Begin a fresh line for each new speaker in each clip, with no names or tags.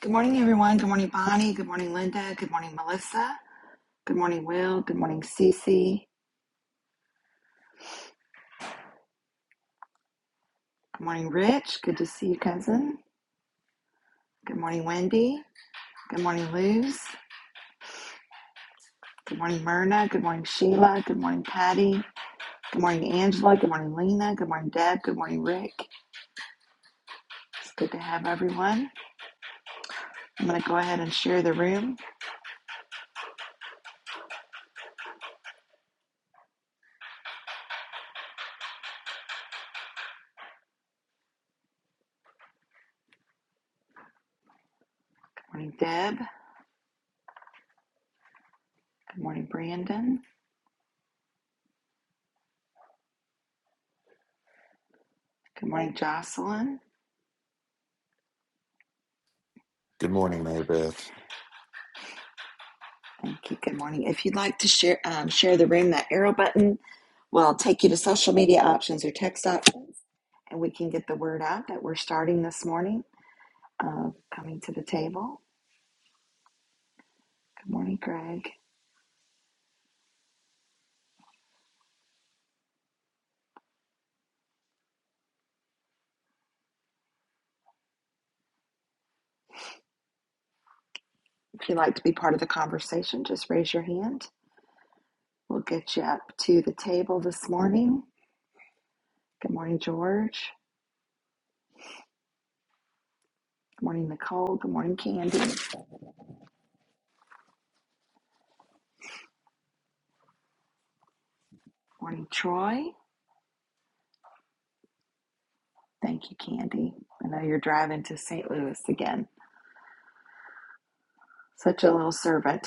Good morning, everyone. Good morning, Bonnie. Good morning, Linda. Good morning, Melissa. Good morning, Will. Good morning, Cece. Good morning, Rich. Good to see you, cousin. Good morning, Wendy. Good morning, Luz. Good morning, Myrna. Good morning, Sheila. Good morning, Patty. Good morning, Angela. Good morning, Lena. Good morning, Deb. Good morning, Rick. It's good to have everyone. I'm going to go ahead and share the room. Good morning, Deb. Good morning, Brandon. Good morning, Jocelyn.
Good morning, Mary Beth.
Thank you. Good morning. If you'd like to share um, share the room, that arrow button will take you to social media options or text options, and we can get the word out that we're starting this morning. Uh, coming to the table. Good morning, Greg. If you'd like to be part of the conversation, just raise your hand. We'll get you up to the table this morning. Good morning, George. Good morning, Nicole. Good morning, Candy. Good morning, Troy. Thank you, Candy. I know you're driving to St. Louis again. Such a little servant.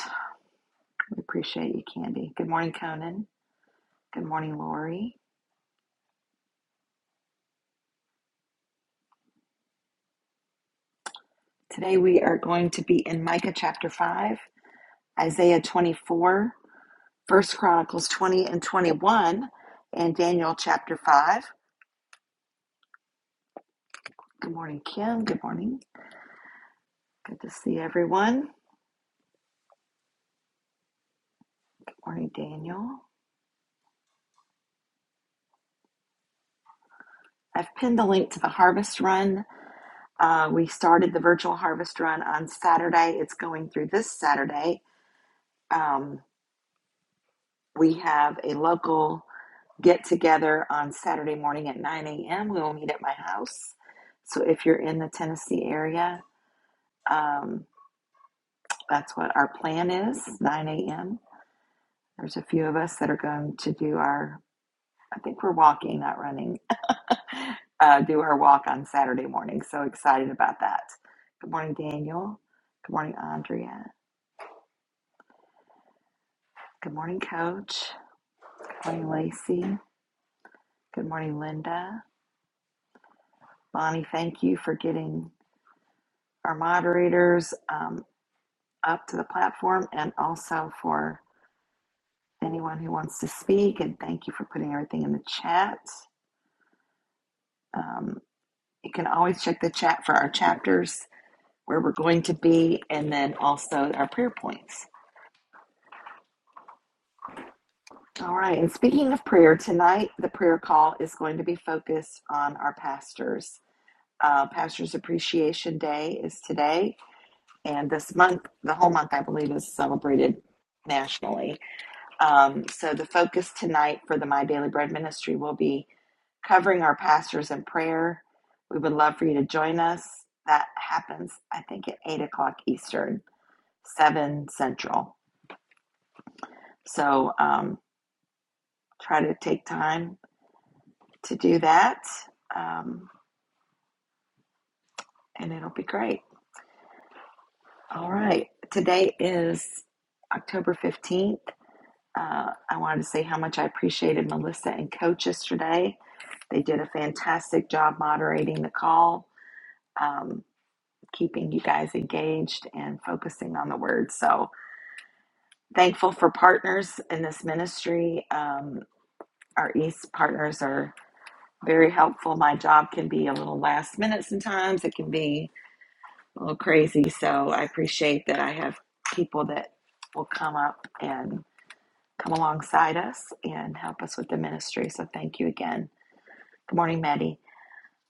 We appreciate you, Candy. Good morning, Conan. Good morning, Lori. Today we are going to be in Micah chapter 5, Isaiah 24, First Chronicles 20 and 21, and Daniel chapter 5. Good morning, Kim. Good morning. Good to see everyone. Good morning, Daniel. I've pinned the link to the harvest run. Uh, we started the virtual harvest run on Saturday. It's going through this Saturday. Um, we have a local get together on Saturday morning at 9 a.m. We will meet at my house. So if you're in the Tennessee area, um, that's what our plan is 9 a.m. There's a few of us that are going to do our, I think we're walking, not running, uh, do our walk on Saturday morning. So excited about that. Good morning, Daniel. Good morning, Andrea. Good morning, Coach. Good morning, Lacey. Good morning, Linda. Bonnie, thank you for getting our moderators. Um, up to the platform and also for anyone who wants to speak. And thank you for putting everything in the chat. Um, you can always check the chat for our chapters, where we're going to be, and then also our prayer points. All right. And speaking of prayer, tonight the prayer call is going to be focused on our pastors. Uh, pastors Appreciation Day is today, and this month, the whole month, I believe, is celebrated nationally Um, so the focus tonight for the My Daily Bread Ministry will be covering our pastors in prayer. We would love for you to join us. That happens, I think, at 8 o'clock Eastern, 7 Central. So um, try to take time to do that, um, and it'll be great. All right. Today is October 15th. Uh, I wanted to say how much I appreciated Melissa and Coach yesterday. They did a fantastic job moderating the call, um, keeping you guys engaged and focusing on the word. So thankful for partners in this ministry. Um, our East partners are very helpful. My job can be a little last minute sometimes, it can be a little crazy. So I appreciate that I have people that will come up and come alongside us and help us with the ministry. So thank you again. Good morning, Maddie.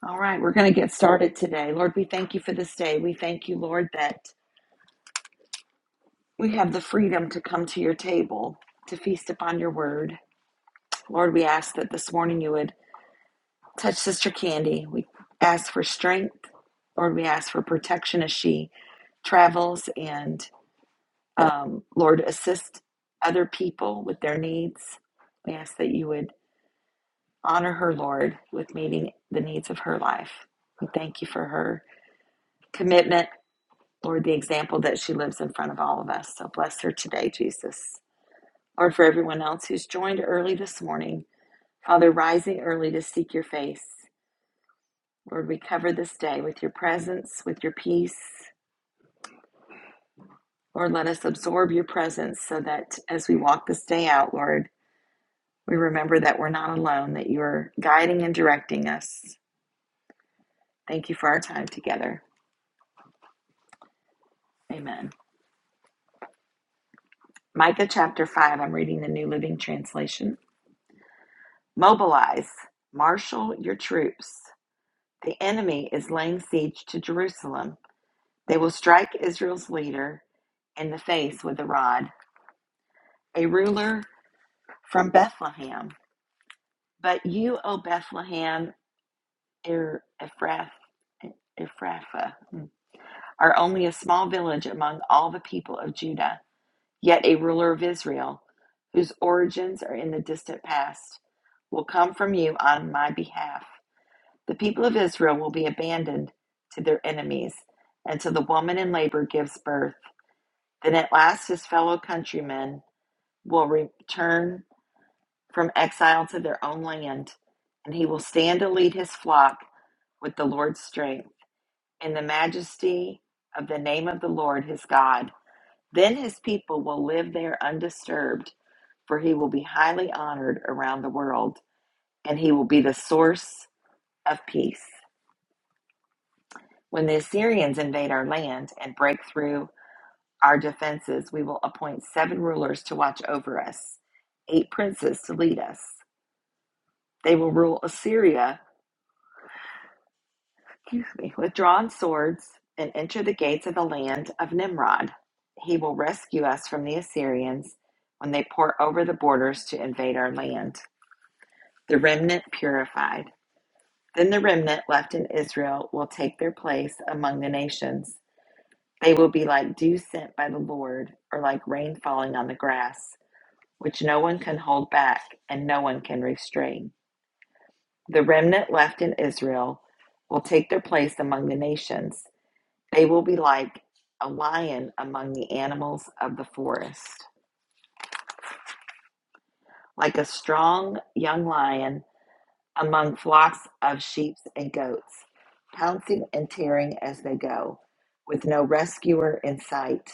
All right, we're going to get started today. Lord, we thank you for this day. We thank you, Lord, that we have the freedom to come to your table to feast upon your word. Lord, we ask that this morning you would touch Sister Candy. We ask for strength. Lord, we ask for protection as she travels and, um, Lord, assist other people with their needs. We ask that you would Honor her, Lord, with meeting the needs of her life. We thank you for her commitment, Lord, the example that she lives in front of all of us. So bless her today, Jesus. Lord, for everyone else who's joined early this morning, Father, rising early to seek your face. Lord, we cover this day with your presence, with your peace. Lord, let us absorb your presence so that as we walk this day out, Lord, we remember that we're not alone, that you're guiding and directing us. Thank you for our time together. Amen. Micah chapter 5, I'm reading the New Living Translation. Mobilize, marshal your troops. The enemy is laying siege to Jerusalem. They will strike Israel's leader in the face with a rod, a ruler from Bethlehem. But you, O Bethlehem, Er- Ephrathah, are only a small village among all the people of Judah. Yet a ruler of Israel, whose origins are in the distant past, will come from you on my behalf. The people of Israel will be abandoned to their enemies until the woman in labor gives birth. Then at last his fellow countrymen will return from exile to their own land, and he will stand to lead his flock with the Lord's strength in the majesty of the name of the Lord his God. Then his people will live there undisturbed for he will be highly honored around the world, and he will be the source of peace. When the Assyrians invade our land and break through our defenses, we will appoint seven rulers to watch over us, eight princes to lead us. They will rule Assyria excuse me, with drawn swords and enter the gates of the land of Nimrod. He will rescue us from the Assyrians when they pour over the borders to invade our land. The remnant purified. Then the remnant left in Israel will take their place among the nations. They will be like dew sent by the Lord, or like rain falling on the grass, which no one can hold back and no one can restrain. The remnant left in Israel will take their place among the nations. They will be like a lion among the animals of the forest, like a strong young lion among flocks of sheep and goats, pouncing and tearing as they go, with no rescuer in sight.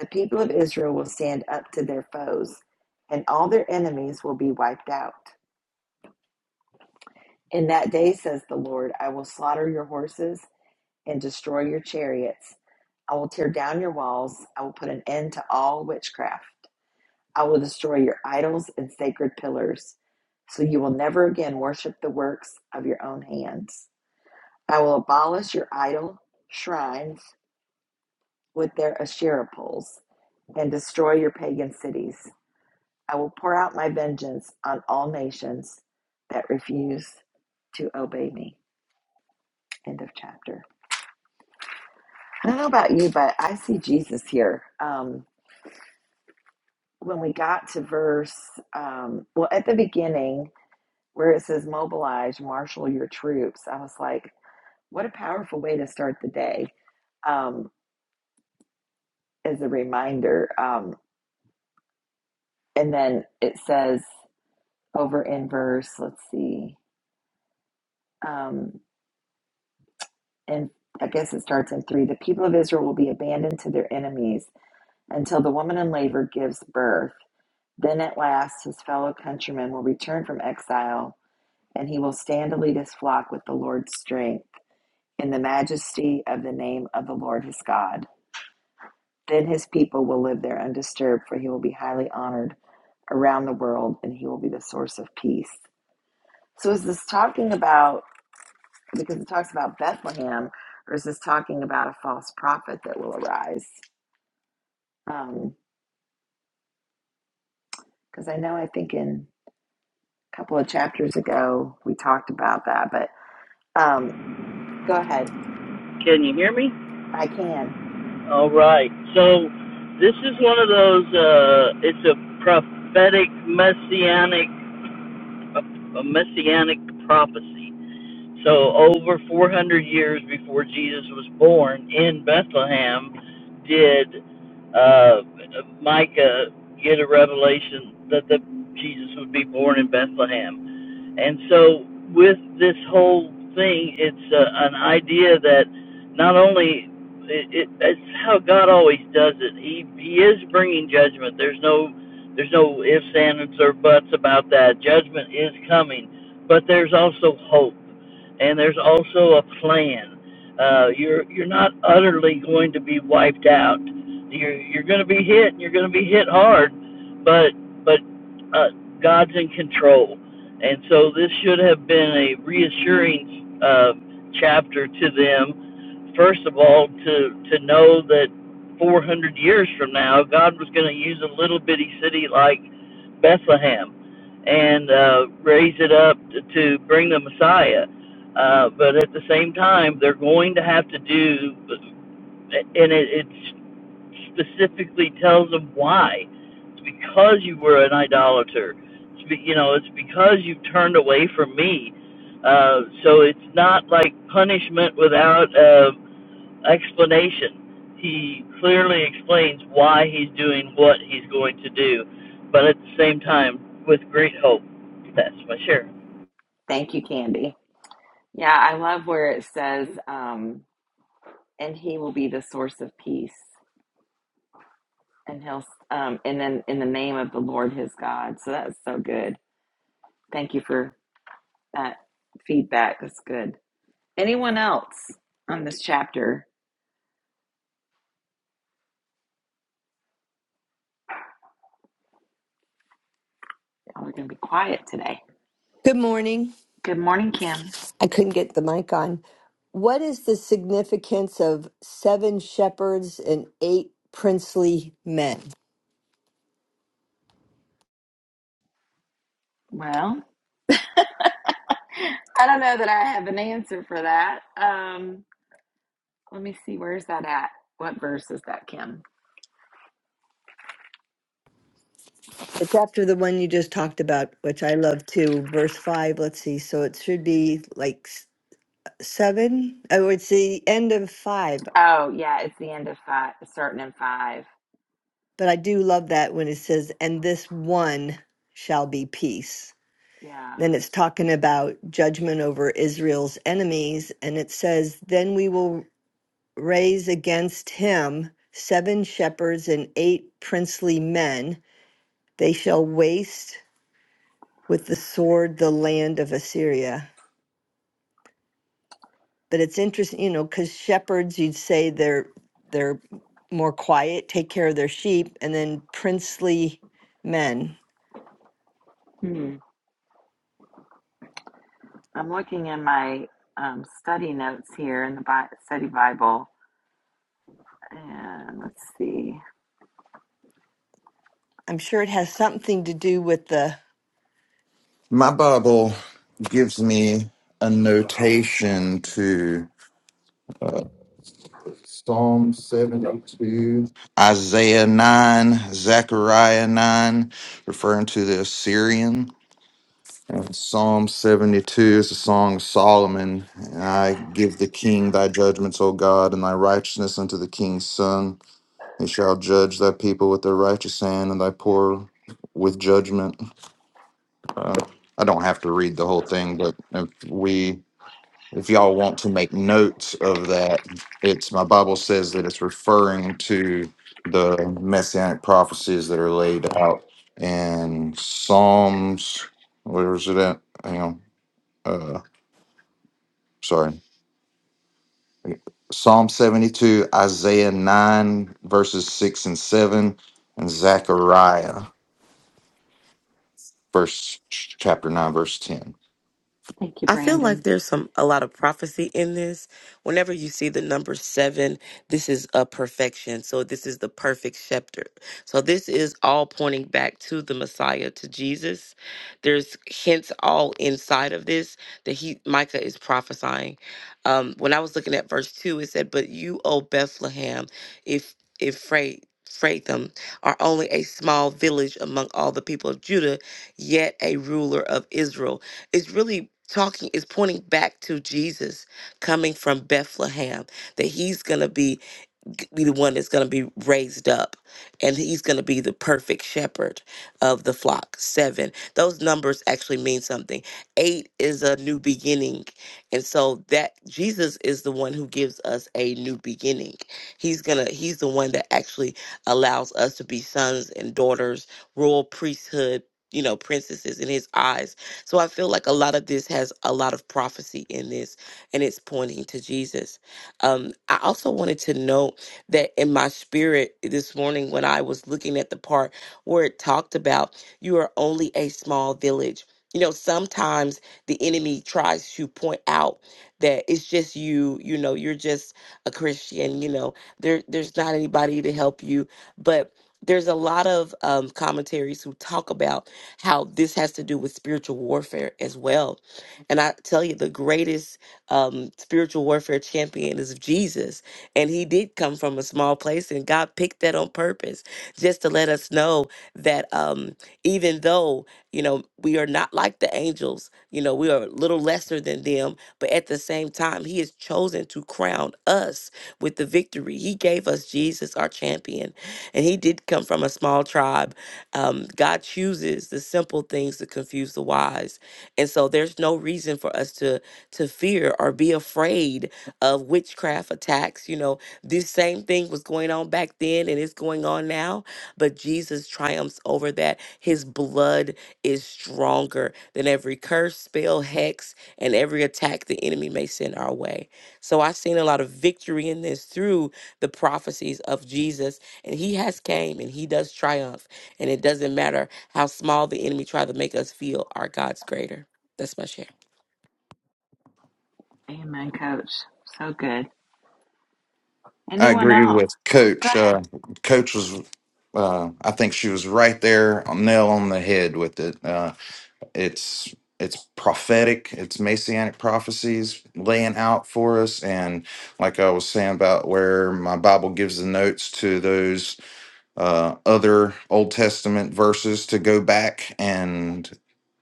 The people of Israel will stand up to their foes, and all their enemies will be wiped out. In that day, says the Lord, I will slaughter your horses and destroy your chariots. I will tear down your walls. I will put an end to all witchcraft. I will destroy your idols and sacred pillars, so you will never again worship the works of your own hands. I will abolish your idol shrines with their Asherah poles and destroy your pagan cities. I will pour out my vengeance on all nations that refuse to obey me. End of chapter. I don't know about you, but I see Jesus here. Um, when we got to verse, um, well, at the beginning where it says, mobilize, marshal your troops, I was like, what a powerful way to start the day um, as a reminder. um. and then it says over in verse let's see um and i guess it starts in three the people of israel will be abandoned to their enemies until the woman in labor gives birth then at last his fellow countrymen will return from exile and he will stand to lead his flock with the lord's strength in the majesty of the name of the lord his god then his people will live there undisturbed for he will be highly honored around the world and he will be the source of peace so is this talking about because it talks about Bethlehem versus talking about a false prophet that will arise. Because I know I think in a couple of chapters ago we talked about that, but um, go ahead.
Can you hear me?
I can.
All right. So this is one of those. Uh, it's a prophetic messianic, a messianic prophecy. So over 400 years before Jesus was born in Bethlehem, did uh, Micah get a revelation that the Jesus would be born in Bethlehem? And so, with this whole thing, it's uh, an idea that not only it, it, it's how God always does it. He He is bringing judgment. There's no there's no ifs, ands, or buts about that. Judgment is coming, but there's also hope, and there's also a plan. Uh, you're you're not utterly going to be wiped out. You're you're going to be hit, and you're going to be hit hard, but but uh, God's in control and so this should have been a reassuring uh, chapter to them. First of all, to, to know that 400 years from now, God was going to use a little bitty city like Bethlehem and uh, raise it up to, to bring the Messiah. Uh, but at the same time, they're going to have to do, and it, it's specifically tells them why. It's because you were an idolater. It's be, you know, it's because you turned away from me. Uh, so it's not like punishment without uh, explanation. He clearly explains why he's doing what he's going to do, but at the same time, with great hope. That's my share.
Thank you, Candy. Yeah, I love where it says, um, and he will be the source of peace. And he'll, um, and then in the name of the Lord his God. So that's so good. Thank you for that feedback. That's good. Anyone else on this chapter? Oh, we're going to be quiet today.
Good morning.
Good morning, Kim.
I couldn't get the mic on. What is the significance of seven shepherds and eight princely men?
Well, I don't know that I have an answer for that. Um, let me see. Where's that at? What verse is that, Kim?
It's after the one you just talked about, which I love too. Verse five, let's see. So it should be like s- seven. Oh, it's the end of five.
Oh, yeah, it's the end of five, starting in five.
But I do love that when it says, and this one shall be peace.
Yeah.
Then it's talking about judgment over Israel's enemies. And it says, then we will raise against him seven shepherds and eight princely men. They shall waste with the sword the land of Assyria. But it's interesting, you know, because shepherds, you'd say they're they're more quiet, take care of their sheep, and then princely men.
Hmm. I'm looking in my um, study notes here in the Bi- study Bible, and let's see.
I'm sure it has something to do with the
My Bible gives me a notation to Psalm 72, Isaiah 9, Zechariah 9, referring to the Assyrian. And Psalm 72 is the song of Solomon. And I give the king thy judgments, O God, and thy righteousness unto the king's son. He shall judge thy people with their righteous hand and thy poor with judgment. Uh, I don't have to read the whole thing, but if we, if y'all want to make notes of that, it's my Bible says that it's referring to the messianic prophecies that are laid out in Psalms. Where is it at? Hang on. Uh, sorry. Psalm 72, Isaiah 9, verses 6 and 7, and Zechariah, verse chapter 9, verse 10.
Thank you,
I feel like
Brandon.
there's some a lot of prophecy in this. Whenever you see the number seven, this is a perfection. So this is the perfect scepter. So this is all pointing back to the Messiah, to Jesus. There's hints all inside of this that he Micah is prophesying. Um, when I was looking at verse two, it said, "But you, O Bethlehem, if if Freight." Phratham are only a small village among all the people of Judah, yet a ruler of Israel it's really talking, is pointing back to Jesus coming from Bethlehem, that he's going to be g- be the one that's going to be raised up and he's going to be the perfect shepherd of the flock seven those numbers actually mean something eight is a new beginning and so that jesus is the one who gives us a new beginning he's going to he's the one that actually allows us to be sons and daughters royal priesthood you know princesses in his eyes so i feel like a lot of this has a lot of prophecy in this and it's pointing to jesus um i also wanted to note that in my spirit this morning when I was looking at the part where it talked about you are only a small village. You know, sometimes the enemy tries to point out that it's just you, you know, you're just a Christian, you know, there there's not anybody to help you. But there's a lot of um, commentaries who talk about how this has to do with spiritual warfare as well. And I tell you, the greatest um, spiritual warfare champion is Jesus and he did come from a small place, and God picked that on purpose just to let us know that um, even though, you know, we are not like the angels, you know, we are a little lesser than them, but at the same time, he has chosen to crown us with the victory. He gave us Jesus, our champion, and he did come from a small tribe. Um, God chooses the simple things to confuse the wise. And so there's no reason for us to to fear or be afraid of witchcraft attacks. You know, this same thing was going on back then and it's going on now, but Jesus triumphs over that. His blood is stronger than every curse, spell, hex, and every attack the enemy may send our way. So I've seen a lot of victory in this through the prophecies of Jesus, and he has came and he does triumph. And it doesn't matter how small the enemy try to make us feel, our God's greater. That's my share.
Amen, Coach. So good.
I
Anyone
agree
else?
with
Go
Coach.
ahead.
Uh, Coach was, uh, I think she was right there, on- nail on the head with it. Uh, it's it's prophetic. It's messianic prophecies laying out for us, and like I was saying about where my Bible gives the notes to those uh, other Old Testament verses to go back and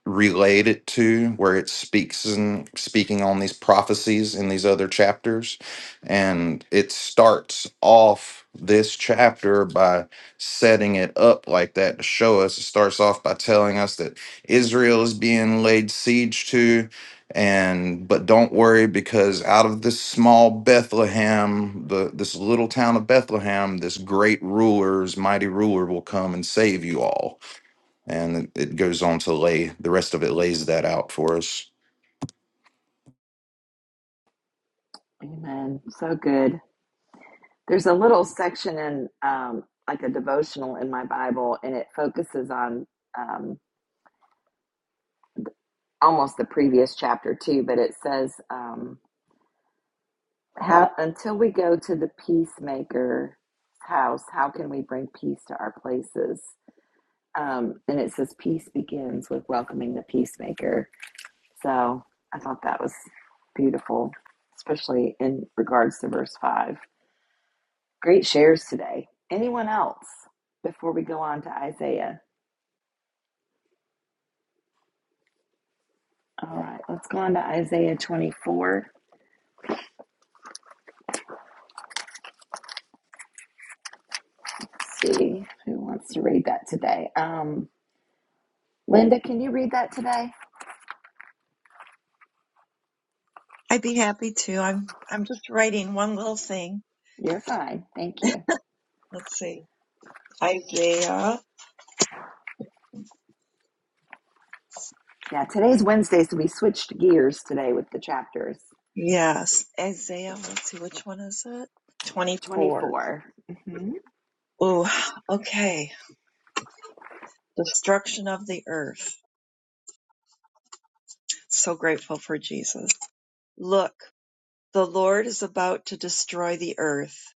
relate it to, where it speaks and speaking on these prophecies in these other chapters. And it starts off this chapter by setting it up like that to show us. It starts off by telling us that Israel is being laid siege to and but don't worry because out of this small bethlehem the this little town of bethlehem this great ruler's mighty ruler will come and save you all and it, it goes on to lay the rest of it lays that out for us
Amen. So good. There's a little section in um, like a devotional in my Bible, and it focuses on um, almost the previous chapter too. But it says, um, how, "Until we go to the peacemaker house, how can we bring peace to our places?" Um, and it says, "Peace begins with welcoming the peacemaker." So I thought that was beautiful, especially in regards to verse five. Great shares today. Anyone else before we go on to Isaiah? All right, let's go on to Isaiah 24. Let's See who wants to read that today. Um, Linda, can you read that today?
I'd be happy to. I'm I'm just writing one little thing.
You're fine. Thank you.
Let's see. Isaiah.
Yeah, today's Wednesday, so we switched gears today with the chapters.
Yes. Isaiah. Let's see which one is it? 24.
24. hmm
Ooh, okay. Destruction of the earth. So grateful for Jesus. Look, the Lord is about to destroy the earth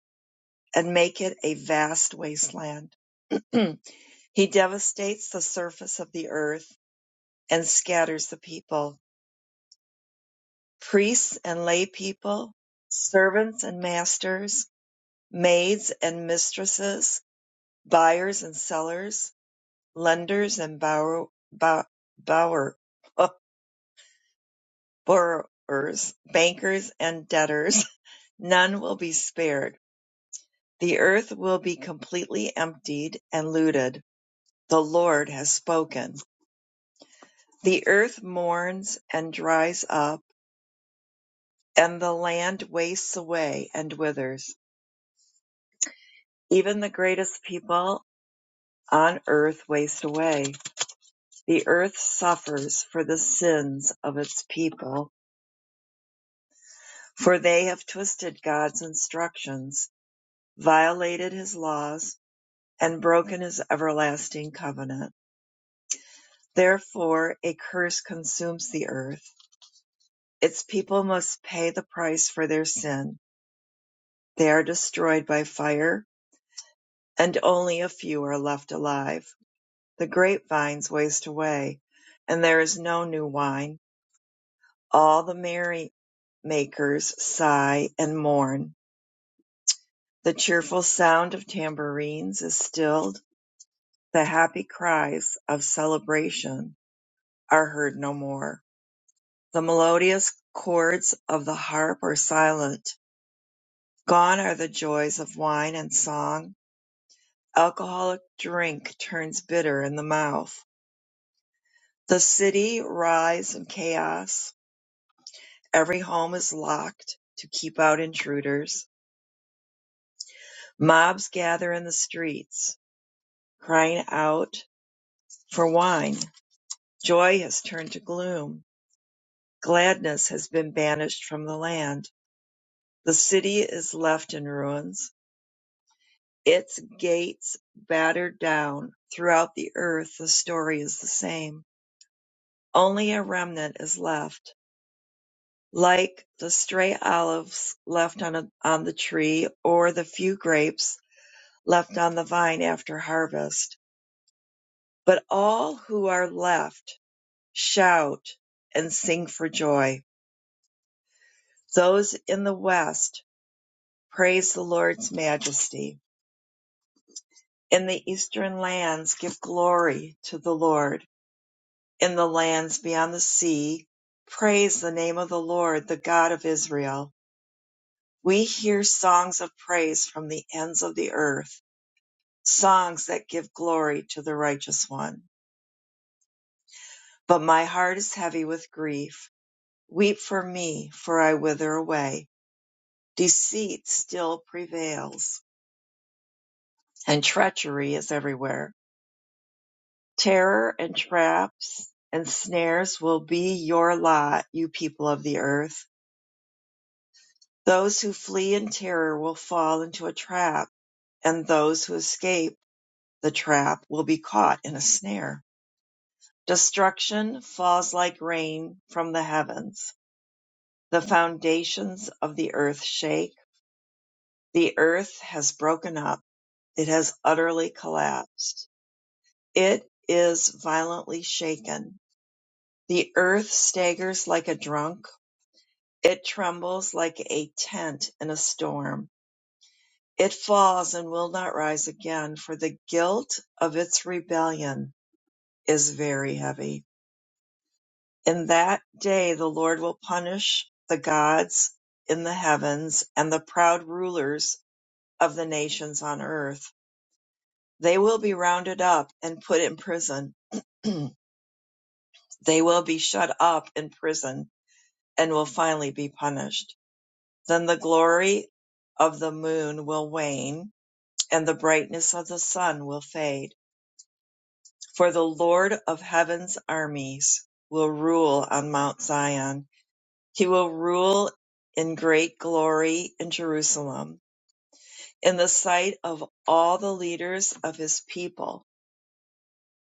and make it a vast wasteland. he devastates the surface of the earth and scatters the people. priests and lay people, servants and masters, maids and mistresses, buyers and sellers, lenders and borrow- bo- bower- uh, borrowers, bankers and debtors. None will be spared. The earth will be completely emptied and looted. The Lord has spoken. The earth mourns and dries up, and the land wastes away and withers. Even the greatest people on earth waste away. The earth suffers for the sins of its people, for they have twisted God's instructions, violated his laws, and broken his everlasting covenant. Therefore, a curse consumes the earth. Its people must pay the price for their sin. They are destroyed by fire, and only a few are left alive. The grapevines waste away, and there is no new wine All the merrymakers sigh and mourn; the cheerful sound of tambourines is stilled; the happy cries of celebration are heard no more; the melodious chords of the harp are silent; gone are the joys of wine and song; alcoholic drink turns bitter in the mouth; the city writhes in chaos; every home is locked to keep out intruders; mobs gather in the streets. crying out for wine. Joy has turned to gloom. Gladness has been banished from the land. The city is left in ruins, its gates battered down. Throughout the earth, the story is the same. Only a remnant is left, like the stray olives left on, a, on the tree or the few grapes left on the vine after harvest. But all who are left shout and sing for joy Those in the west praise the Lord's majesty. In the eastern lands give glory to the Lord. In the lands beyond the sea, praise the name of the Lord, the God of Israel. We hear songs of praise from the ends of the earth, songs that give glory to the righteous one. But my heart is heavy with grief. Weep for me, for I wither away. Deceit still prevails, and treachery is everywhere. Terror and traps and snares will be your lot, you people of the earth. Those who flee in terror will fall into a trap, and those who escape the trap will be caught in a snare. Destruction falls like rain from the heavens. The foundations of the earth shake. The earth has broken up. It has utterly collapsed. It is violently shaken. The earth staggers like a drunk It trembles like a tent in a storm. It falls and will not rise again, for the guilt of its rebellion is very heavy. In that day the Lord will punish the gods in the heavens and the proud rulers of the nations on earth. They will be rounded up and put in prison. they will be shut up in prison and will finally be punished. Then the glory of the moon will wane and the brightness of the sun will fade. For the Lord of heaven's armies will rule on Mount Zion. He will rule in great glory in Jerusalem, in the sight of all the leaders of his people.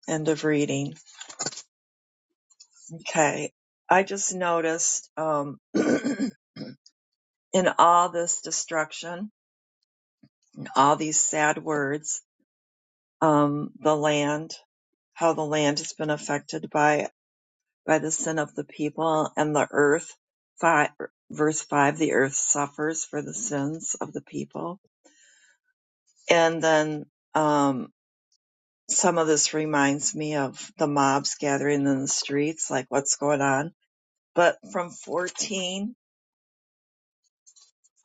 End of reading. Okay. I just noticed um, in all this destruction, in all these sad words, um, the land, how the land has been affected by it by the sin of the people, and the earth, five, verse 5, the earth suffers for the sins of the people. And then um, some of this reminds me of the mobs gathering in the streets, like what's going on. But from 14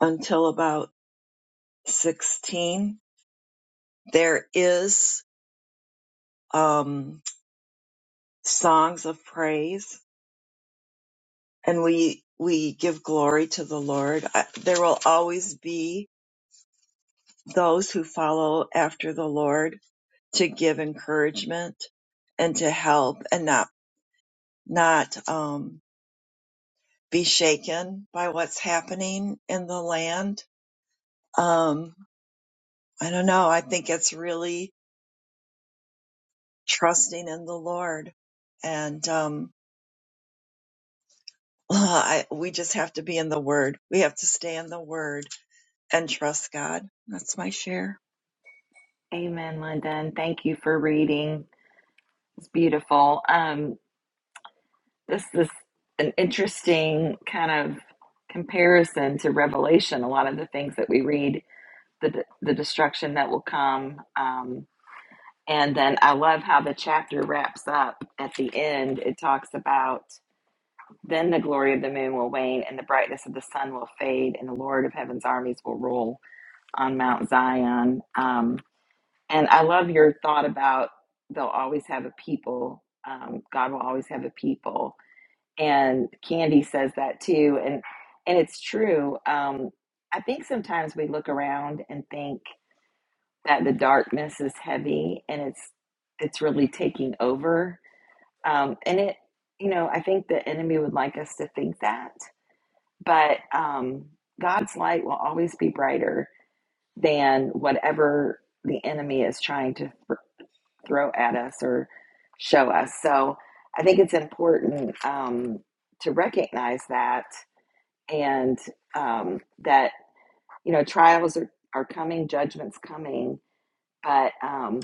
until about 16, there is um, songs of praise, and we we give glory to the Lord. I, there will always be those who follow after the Lord to give encouragement and to help and not not um, be shaken by what's happening in the land. Um, I don't know. I think it's really trusting in the Lord, and um, I, we just have to be in the Word. We have to stay in the Word and trust God. That's my share.
Amen, Linda, and thank you for reading. It's beautiful. Um, this is an interesting kind of comparison to Revelation. A lot of the things that we read, the the destruction that will come. Um, And then I love how the chapter wraps up at the end. It talks about then the glory of the moon will wane and the brightness of the sun will fade and the Lord of heaven's armies will rule on Mount Zion. Um, and I love your thought about they'll always have a people. Um, God will always have a people. And Candy says that too. And, and it's true. Um, I think sometimes we look around and think, that the darkness is heavy and it's it's really taking over um and it you know i think the enemy would like us to think that but um god's light will always be brighter than whatever the enemy is trying to th- throw at us or show us so i think it's important um to recognize that and um that you know trials are are coming judgments coming but um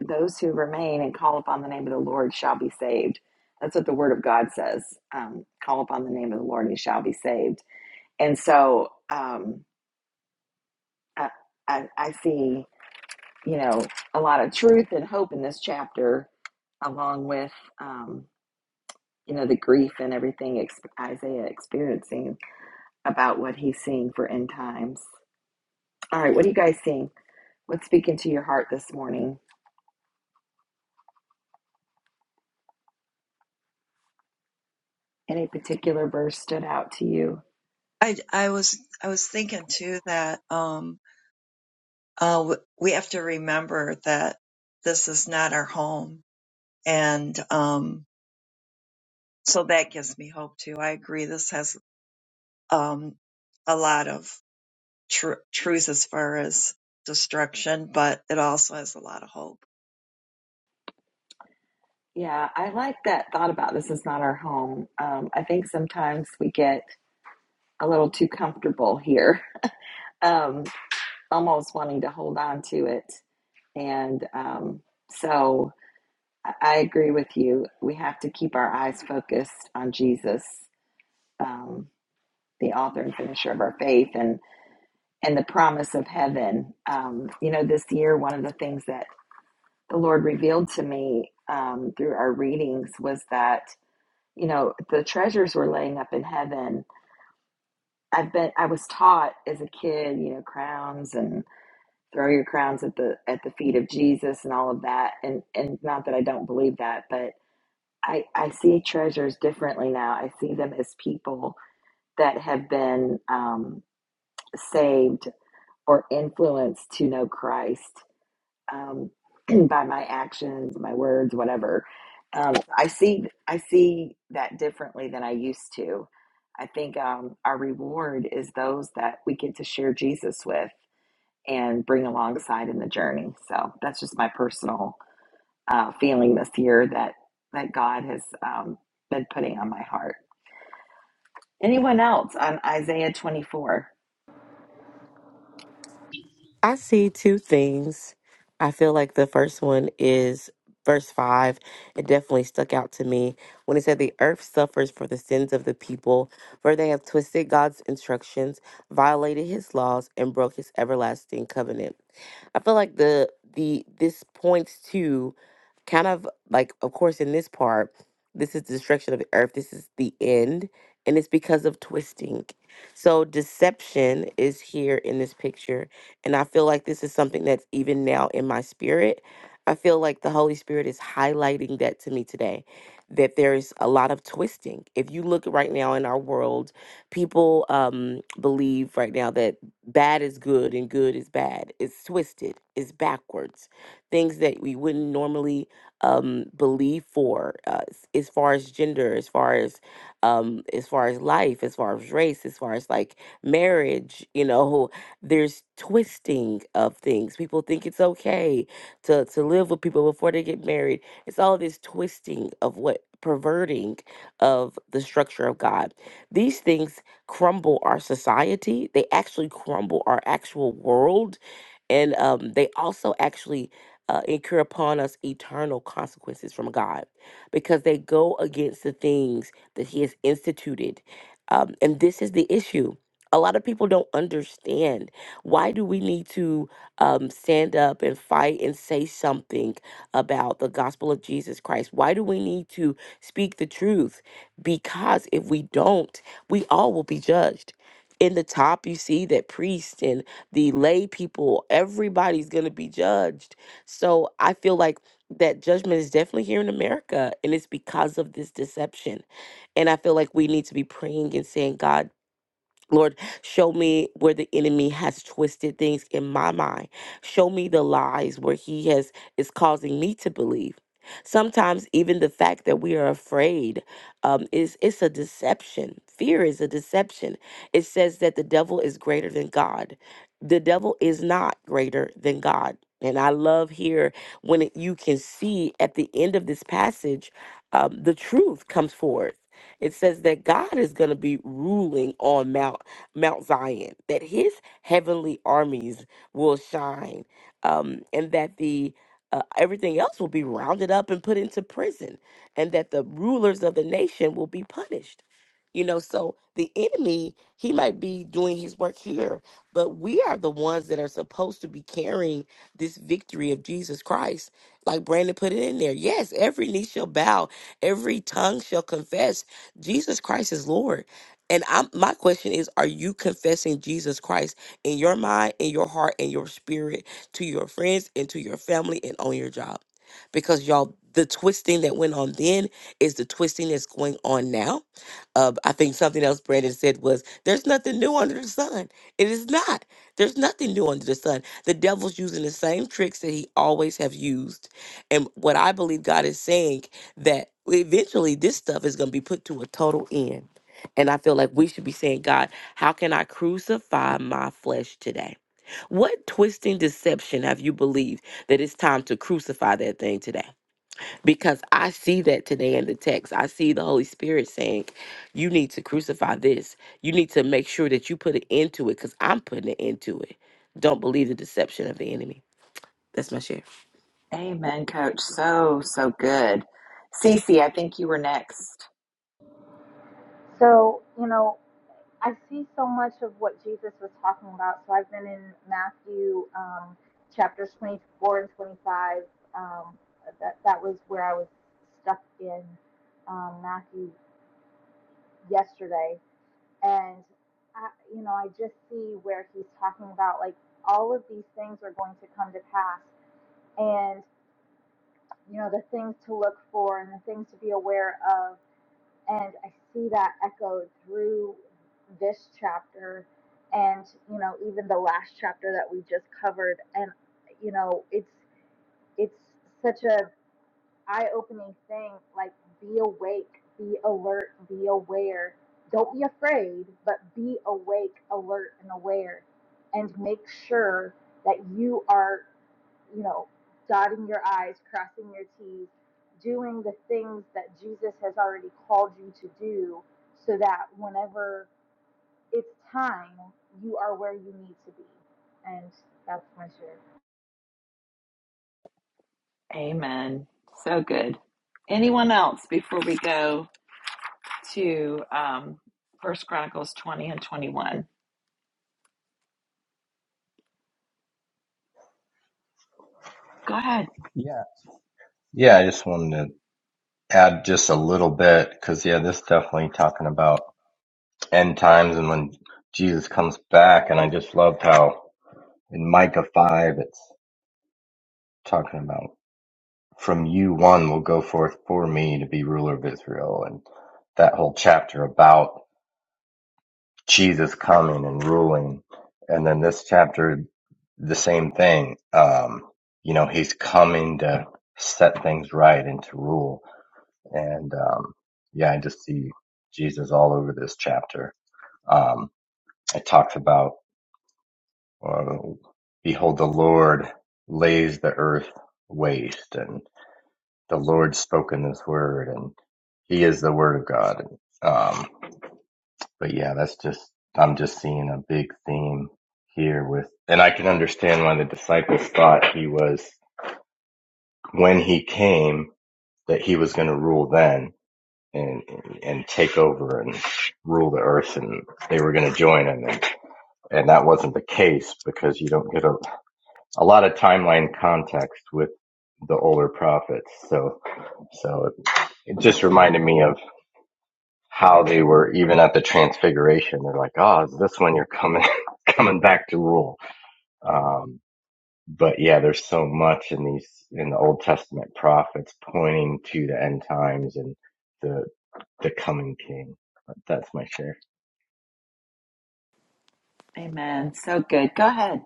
Those who remain and call upon the name of the Lord shall be saved. That's what the Word of God says. Um, call upon the name of the Lord, and you shall be saved. And so um, I, I, I see, you know, a lot of truth and hope in this chapter, along with, um, you know, the grief and everything ex- Isaiah experiencing about what he's seeing for end times. All right, what are you guys seeing? What's speaking to your heart this morning? Any particular verse stood out to you?
I I was I was thinking too that um uh w- we have to remember that this is not our home And um, so that gives me hope too. I agree. This has um, a lot of tr- truth as far as destruction, but it also has a lot of hope.
Yeah, I like that thought about this is not our home. Um, I think sometimes we get a little too comfortable here, um, almost wanting to hold on to it. And um, so I I agree with you. We have to keep our eyes focused on Jesus, um, the author and finisher of our faith, and and the promise of heaven. Um, you know, this year, one of the things that the Lord revealed to me um, through our readings was that you know the treasures were laying up in heaven i've been i was taught as a kid you know crowns and throw your crowns at the at the feet of jesus and all of that and and not that i don't believe that but i i see treasures differently now i see them as people that have been um saved or influenced to know christ um, by my actions, my words, whatever. Um, I see I see that differently than I used to. I think um, our reward is those that we get to share Jesus with and bring alongside in the journey. So that's just my personal uh, feeling this year that that God has um, been putting on my heart. Anyone else on Isaiah 24?
I see two things. I feel like the first one is verse 5. It definitely stuck out to me when it said, The earth suffers for the sins of the people, for they have twisted God's instructions, violated his laws, and broke his everlasting covenant. I feel like the the this points to kind of like of course in this part, this is the destruction of the earth. This is the end. And it's because of twisting. So deception is here in this picture and I feel like this is something that's even now in my spirit. I feel like the Holy Spirit is highlighting that to me today that there's a lot of twisting. If you look right now in our world, people um, believe right now that bad is good and good is bad. It's twisted, it's backwards. Things that we wouldn't normally um, believe for uh, s- as far as gender, as far as um, as far as life, as far as race, as far as like marriage, you know, there's twisting of things. People think it's okay to to live with people before they get married. It's all this twisting of what perverting of the structure of God. These things crumble our society. They actually crumble our actual world, and um, they also actually. Uh, incur upon us eternal consequences from God because they go against the things that He has instituted. Um, and this is the issue a lot of people don't understand why do we need to um, stand up and fight and say something about the gospel of Jesus Christ? Why do we need to speak the truth? Because if we don't, we all will be judged. In the top, you see that priests and the lay people, everybody's going to be judged. So I feel like that judgment is definitely here in America, and it's because of this deception. And I feel like we need to be praying and saying, God, Lord, show me where the enemy has twisted things in my mind. Show me the lies where he has is causing me to believe. Sometimes even the fact that we are afraid um, is it's a deception. Fear is a deception. It says that the devil is greater than God. The devil is not greater than God. And I love here when it, you can see at the end of this passage, um, the truth comes forth it says that God is going to be ruling on Mount Mount Zion, that his heavenly armies will shine, um, and that the uh, everything else will be rounded up and put into prison, and that the rulers of the nation will be punished. You know, so the enemy, he might be doing his work here, but we are the ones that are supposed to be carrying this victory of Jesus Christ. Like Brandon put it in there. Yes, every knee shall bow, every tongue shall confess Jesus Christ is Lord and I'm, my question is, are you confessing Jesus Christ in your mind, in your heart, in your spirit, to your friends and to your family and on your job? Because y'all, the twisting that went on then is the twisting that's going on now. Uh, I think something else Brandon said was, there's nothing new under the sun. It is not. There's nothing new under the sun. The devil's using the same tricks that he always have used. And what I believe God is saying that eventually this stuff is going to be put to a total end and I feel like we should be saying, God, how can I crucify my flesh today? What twisting deception have you believed that it's time to crucify that thing today? Because I see that today in the text. I see the Holy Spirit saying, You need to crucify this. You need to make sure that you put an end to it because I'm putting an end to it. Don't believe the deception of the enemy. That's my share.
Amen, Coach. So so good. Cece, I think you were next.
So, you know, I see so much of what Jesus was talking about. So I've been in Matthew um, chapters 24 and 25. Um, that, that was where I was stuck in um, Matthew yesterday. And, I, you know, I just see where he's talking about like all of these things are going to come to pass. And, you know, the things to look for and the things to be aware of and I see that echoed through this chapter and you know even the last chapter that we just covered and you know it's it's such a eye-opening thing like be awake be alert be aware don't be afraid but be awake alert and aware and make sure that you are you know, dotting your I's, crossing your T's, doing the things that Jesus has already called you to do so that whenever it's time, you are where you need to be. And that's my share.
Amen. So good. Anyone else before we go to um, First Chronicles 20 and 21? Go ahead.
Yeah. Yeah, I just wanted to add just a little bit because, yeah, this definitely talking about end times and when Jesus comes back. And I just loved how in Micah 5, it's talking about from you one will go forth for me to be ruler of Israel. And that whole chapter about Jesus coming and ruling. And then this chapter, the same thing. Um, you know, he's coming to set things right and to rule and um, yeah, I just see Jesus all over this chapter. Um, it talks about, uh, behold, the Lord lays the earth waste, and the Lord spoken this word, and He is the Word of God. Um, but yeah, that's just I'm just seeing a big theme here with, and I can understand why the disciples thought He was when He came that He was going to rule then and and, take over and rule the earth, and they were going to join, him. and and that wasn't the case because you don't get a a lot of timeline context with the older prophets. So so it, it just reminded me of how they were even at the transfiguration. They're like, oh, is this when you're coming coming back to rule? Um, but yeah, there's so much in these in the Old Testament prophets pointing to the end times and the the coming king. That's my share.
Amen. So good. Go ahead.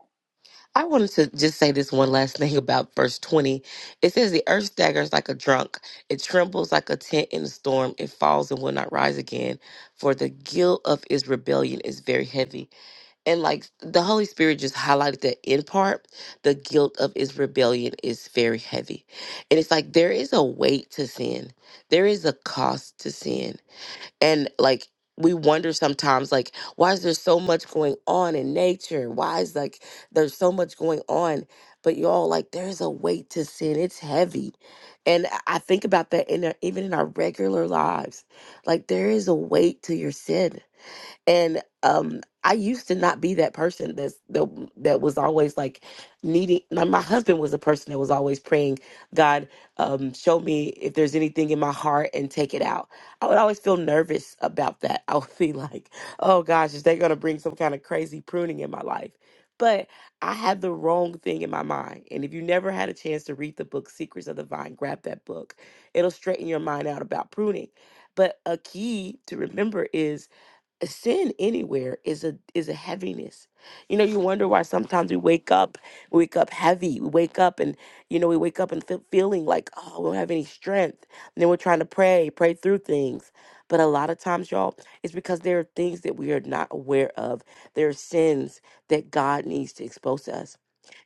I wanted to just say this one last thing about verse 20. It says, The earth staggers like a drunk, it trembles like a tent in a storm, it falls and will not rise again, for the guilt of its rebellion is very heavy. And like the Holy Spirit just highlighted that in part, the guilt of its rebellion is very heavy. And it's like there is a weight to sin, there is a cost to sin and like we wonder sometimes like why is there so much going on in nature why is like there's so much going on but y'all like there's a weight to sin it's heavy and i I think about that in our, even in our regular lives like there is a weight to your sin and um i used to not be that person that's the that was always like needing my, my husband was a person that was always praying god um show me if there's anything in my heart and take it out i would always feel nervous about that i would be like oh gosh is they going to bring some kind of crazy pruning in my life but i had the wrong thing in my mind and if you never had a chance to read the book secrets of the vine grab that book it'll straighten your mind out about pruning but a key to remember is sin anywhere is a is a heaviness. You know, you wonder why sometimes we wake up, we wake up heavy. We wake up and you know we wake up and feel, feeling like oh we don't have any strength. And then we're trying to pray, pray through things. But a lot of times, y'all, it's because there are things that we are not aware of. There are sins that God needs to expose to us.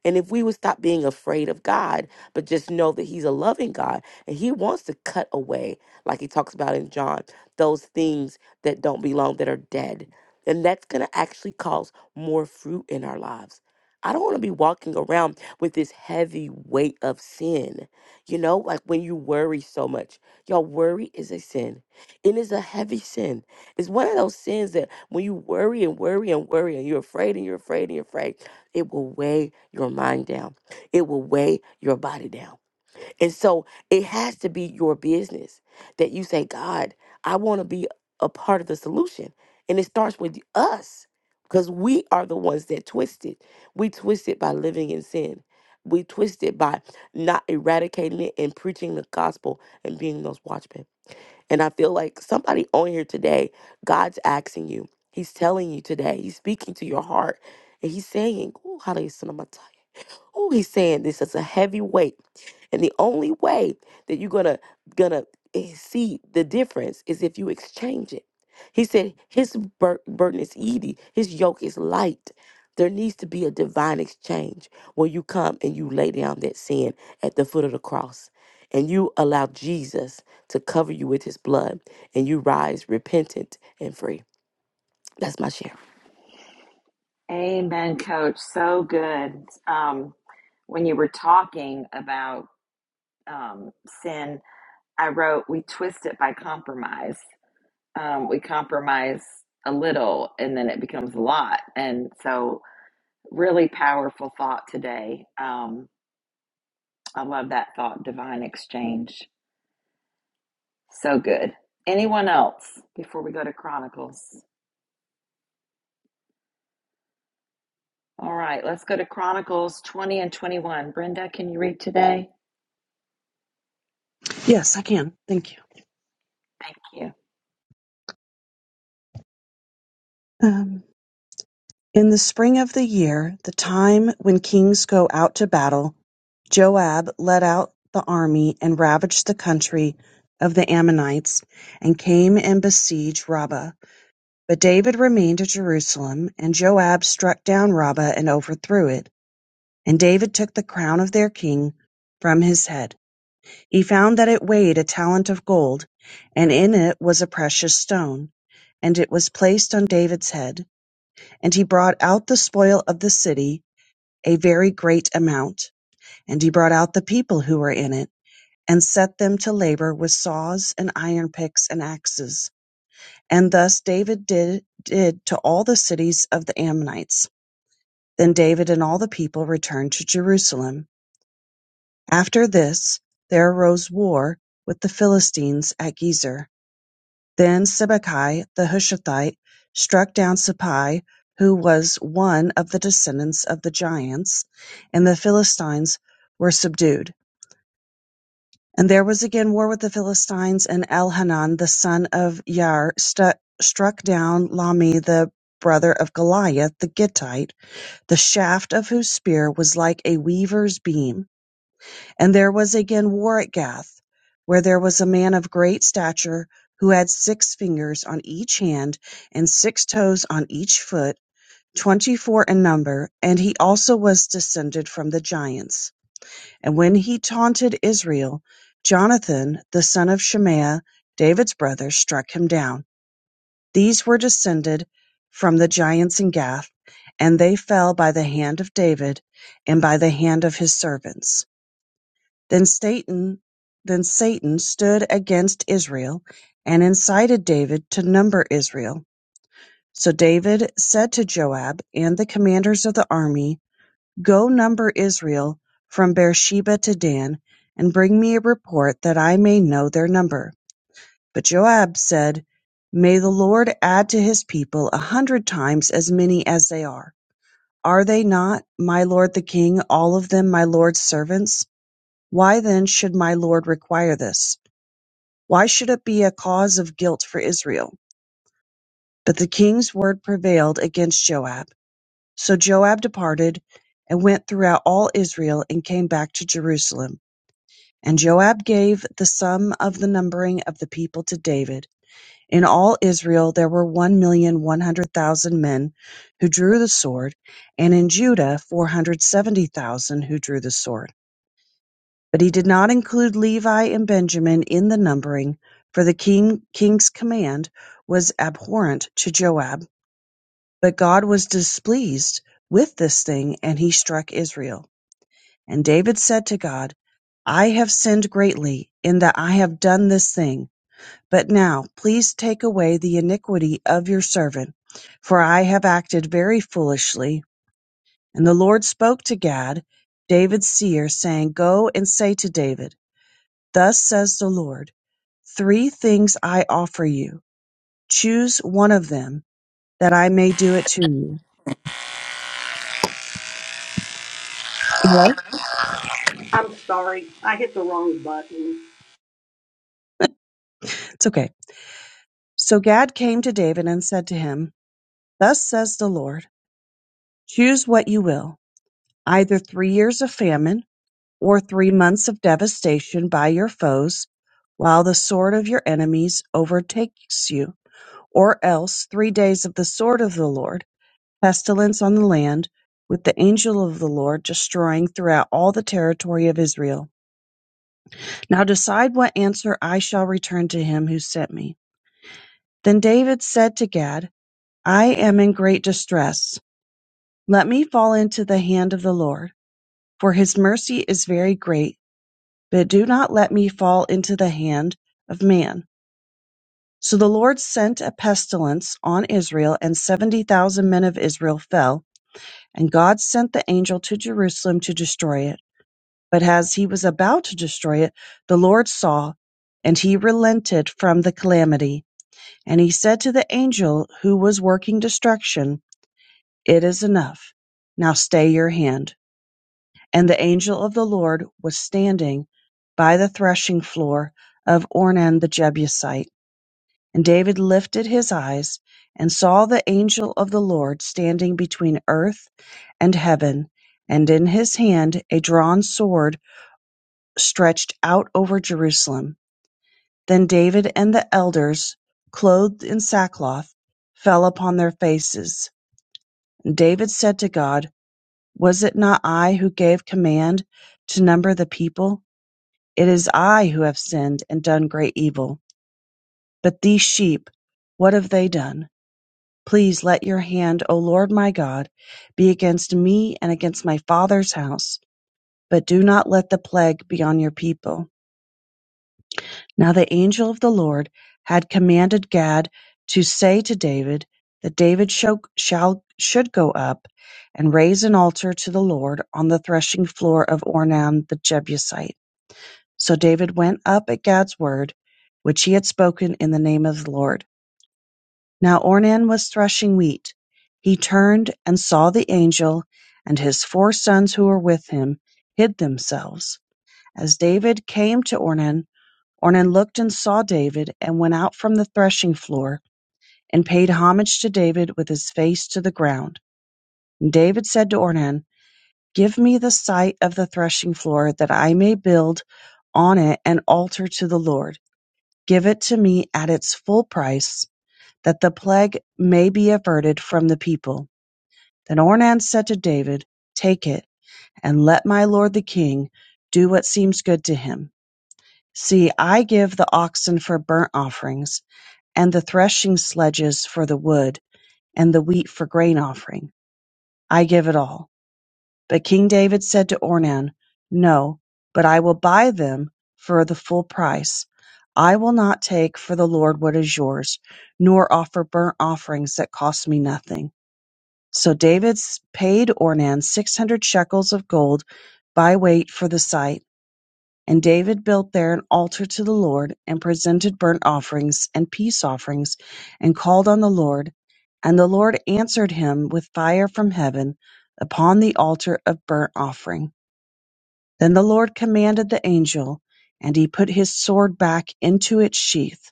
And if we would stop being afraid of God, but just know that He's a loving God and He wants to cut away, like He talks about in John, those things that don't belong, that are dead. And that's going to actually cause more fruit in our lives. I don't want to be walking around with this heavy weight of sin. You know, like when you worry so much. Y'all, worry is a sin. It is a heavy sin. It's one of those sins that when you worry and worry and worry and you're afraid and you're afraid and you're afraid, it will weigh your mind down. It will weigh your body down. And so it has to be your business that you say, God, I want to be a part of the solution. And it starts with us because we are the ones that twist it. We twist it by living in sin. We twist it by not eradicating it and preaching the gospel and being those watchmen. And I feel like somebody on here today, God's asking you. He's telling you today. He's speaking to your heart. And he's saying, Oh, how do you son of my time?" Oh, he's saying this is a heavy weight. And the only way that you're gonna gonna eh, see the difference is if you exchange it. He said his bur- burden is easy, his yoke is light. There needs to be a divine exchange where you come and you lay down that sin at the foot of the cross and you allow Jesus to cover you with his blood and you rise repentant and free. That's my share.
Amen, Coach. So good. Um, when you were talking about um, sin, I wrote, we twist it by compromise. Um, we compromise a little and then it becomes a lot. And so, really powerful thought today. Um, I love that thought, divine exchange. So good. Anyone else before we go to Chronicles? All right, let's go to Chronicles 20 and 21. Brenda, can you read today?
Yes, I can. Thank you.
Thank you.
Um, in the spring of the year, the time when kings go out to battle, Joab led out the army and ravaged the country of the Ammonites and came and besieged Rabbah. But David remained at Jerusalem, and Joab struck down Rabbah and overthrew it. And David took the crown of their king from his head. He found that it weighed a talent of gold, and in it was a precious stone, and it was placed on David's head. And he brought out the spoil of the city, a very great amount. And he brought out the people who were in it, and set them to labor with saws and iron picks and axes. And thus David did, did to all the cities of the Ammonites. Then David and all the people returned to Jerusalem. After this, there arose war with the Philistines at Gezer. Then Sibbecai the Hushathite struck down Sippai, who was one of the descendants of the giants, and the Philistines were subdued. And there was again war with the Philistines, and Elhanan the son of Yair stu struck down Lami the brother of Goliath the Gittite, the shaft of whose spear was like a weaver's beam. And there was again war at Gath, where there was a man of great stature who had six fingers on each hand and six toes on each foot, twenty four in number, and he also was descended from the giants. And when he taunted Israel, Jonathan, the son of Shemaiah, David's brother, struck him down. These were descended from the giants in Gath, and they fell by the hand of David and by the hand of his servants. Then Satan then Satan stood against Israel, and incited David to number Israel. So David said to Joab and the commanders of the army, Go number Israel from Beersheba to Dan, and bring me a report that I may know their number. But Joab said, May the Lord add to his people a hundred times as many as they are. Are they not, my lord the king, all of them my lord's servants? Why then should my lord require this? Why should it be a cause of guilt for Israel? But the king's word prevailed against Joab. So Joab departed and went throughout all Israel and came back to Jerusalem. And Joab gave the sum of the numbering of the people to David. In all Israel there were one million one hundred thousand men who drew the sword, and in Judah four hundred seventy thousand who drew the sword. But he did not include Levi and Benjamin in the numbering, for the king, king's command was abhorrent to Joab. But God was displeased with this thing, and he struck Israel. And David said to God, I have sinned greatly in that I have done this thing. But now, please take away the iniquity of your servant, for I have acted very foolishly. And the Lord spoke to Gad, David's seer, saying, Go and say to David, Thus says the Lord, Three things I offer you. Choose one of them that I may do it to you. Hello?
I'm sorry. I hit the wrong button.
It's okay. So Gad came to David and said to him, Thus says the Lord, choose what you will, either three years of famine or three months of devastation by your foes, while the sword of your enemies overtakes you, or else three days of the sword of the Lord pestilence on the land, with the angel of the Lord destroying throughout all the territory of Israel. Now decide what answer I shall return to him who sent me. Then David said to Gad, I am in great distress. Let me fall into the hand of the Lord, for his mercy is very great, but do not let me fall into the hand of man. So the Lord sent a pestilence on Israel, and 70,000 men of Israel fell, and God sent the angel to Jerusalem to destroy it. But as he was about to destroy it, the Lord saw, and he relented from the calamity. And he said to the angel who was working destruction, It is enough. Now stay your hand. And the angel of the Lord was standing by the threshing floor of Ornan the Jebusite. And David lifted his eyes and saw the angel of the Lord standing between earth and heaven, and in his hand a drawn sword stretched out over Jerusalem. Then David and the elders, clothed in sackcloth, fell upon their faces. And David said to God, Was it not I who gave command to number the people? It is I who have sinned and done great evil. But these sheep, what have they done? Please let your hand, O Lord my God, be against me and against my father's house, but do not let the plague be on your people. Now the angel of the Lord had commanded Gad to say to David, that David sho- shall, should go up and raise an altar to the Lord on the threshing floor of Ornan the Jebusite. So David went up at Gad's word, which he had spoken in the name of the Lord. Now Ornan was threshing wheat. He turned and saw the angel, and his four sons who were with him hid themselves. As David came to Ornan, Ornan looked and saw David, and went out from the threshing floor, and paid homage to David with his face to the ground. And David said to Ornan, Give me the site of the threshing floor, that I may build on it an altar to the Lord. Give it to me at its full price, that the plague may be averted from the people. Then Ornan said to David, Take it, and let my lord the king do what seems good to him. See, I give the oxen for burnt offerings and the threshing sledges for the wood, and the wheat for grain offering. I give it all. But King David said to Ornan, No, but I will buy them for the full price. I will not take for the Lord what is yours, nor offer burnt offerings that cost me nothing. So David s- paid Ornan six hundred shekels of gold by weight for the site and David built there an altar to the Lord, and presented burnt offerings and peace offerings, and called on the Lord. And the Lord answered him with fire from heaven upon the altar of burnt offering. Then the Lord commanded the angel, and he put his sword back into its sheath.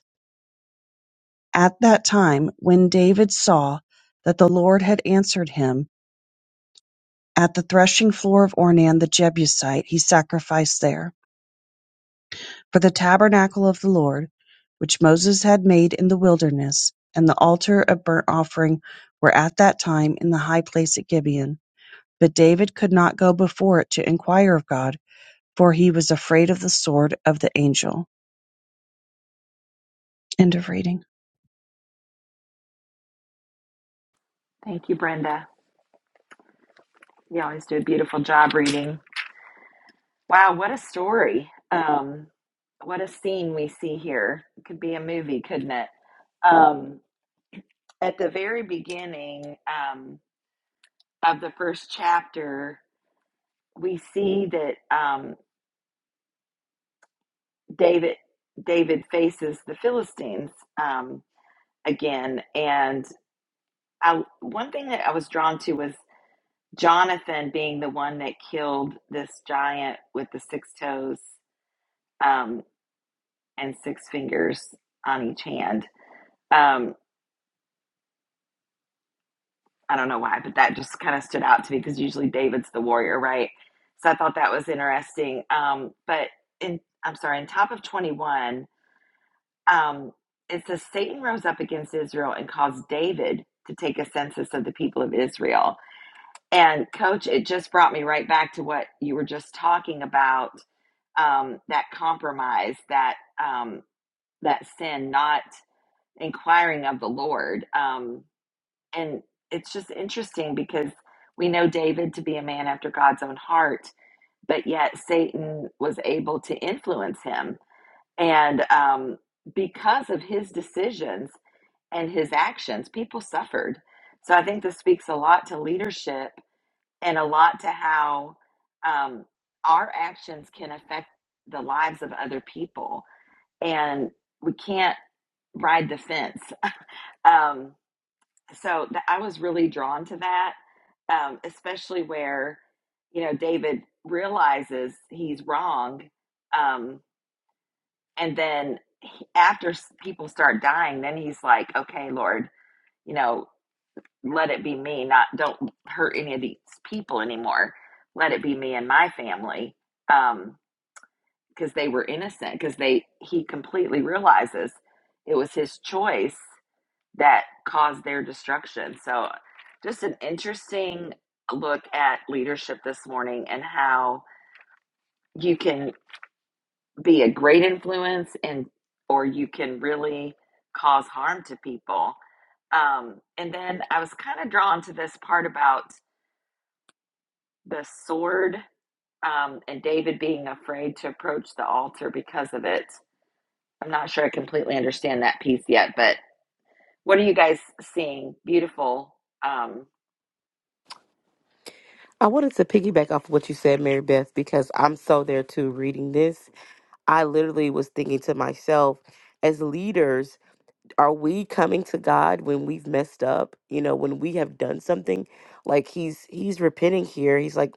At that time, when David saw that the Lord had answered him, at the threshing floor of Ornan the Jebusite, he sacrificed there. for the tabernacle of the Lord, which Moses had made in the wilderness, and the altar of burnt offering were at that time in the high place at Gibeon. But David could not go before it to inquire of God, for he was afraid of the sword of the angel. End of reading.
Thank you, Brenda. You always do a beautiful job reading. Wow, what a story. Um, what a scene we see here. It could be a movie, couldn't it? Um, at the very beginning um, of the first chapter, we see that. Um, David David faces the Philistines um, again, and I, one thing that I was drawn to was Jonathan being the one that killed this giant with the six toes um, and six fingers on each hand. Um, I don't know why, but that just kind of stood out to me because usually David's the warrior, right? So I thought that was interesting. Um, but in I'm sorry, in top of 21. Um, it says Satan rose up against Israel and caused David to take a census of the people of Israel. And coach, it just brought me right back to what you were just talking about um, that compromise, that um, that sin, not inquiring of the Lord. Um, and it's just interesting because we know David to be a man after God's own heart, but yet Satan was able to influence him. And um, because of his decisions, and his actions, people suffered. So I think this speaks a lot to leadership and a lot to how um, our actions can affect the lives of other people. And we can't ride the fence. Um, so th- I was really drawn to that, um, especially where, you know, David realizes he's wrong. Um, and then he- after s- people start dying, then he's like, okay, Lord, you know let it be me not don't hurt any of these people anymore let it be me and my family um because they were innocent because they he completely realizes it was his choice that caused their destruction so just an interesting look at leadership this morning and how you can be a great influence and or you can really cause harm to people um, and then i was kind of drawn to this part about the sword um, and David being afraid to approach the altar because of it. I'm not sure I completely understand that piece yet, but what are you guys seeing? Beautiful, um,
I wanted to piggyback off of what you said, Mary Beth, because I'm so there too reading this I literally was thinking to myself, as leaders, are we coming to God when we've messed up? You know, when we have done something, like he's he's repenting here. He's like,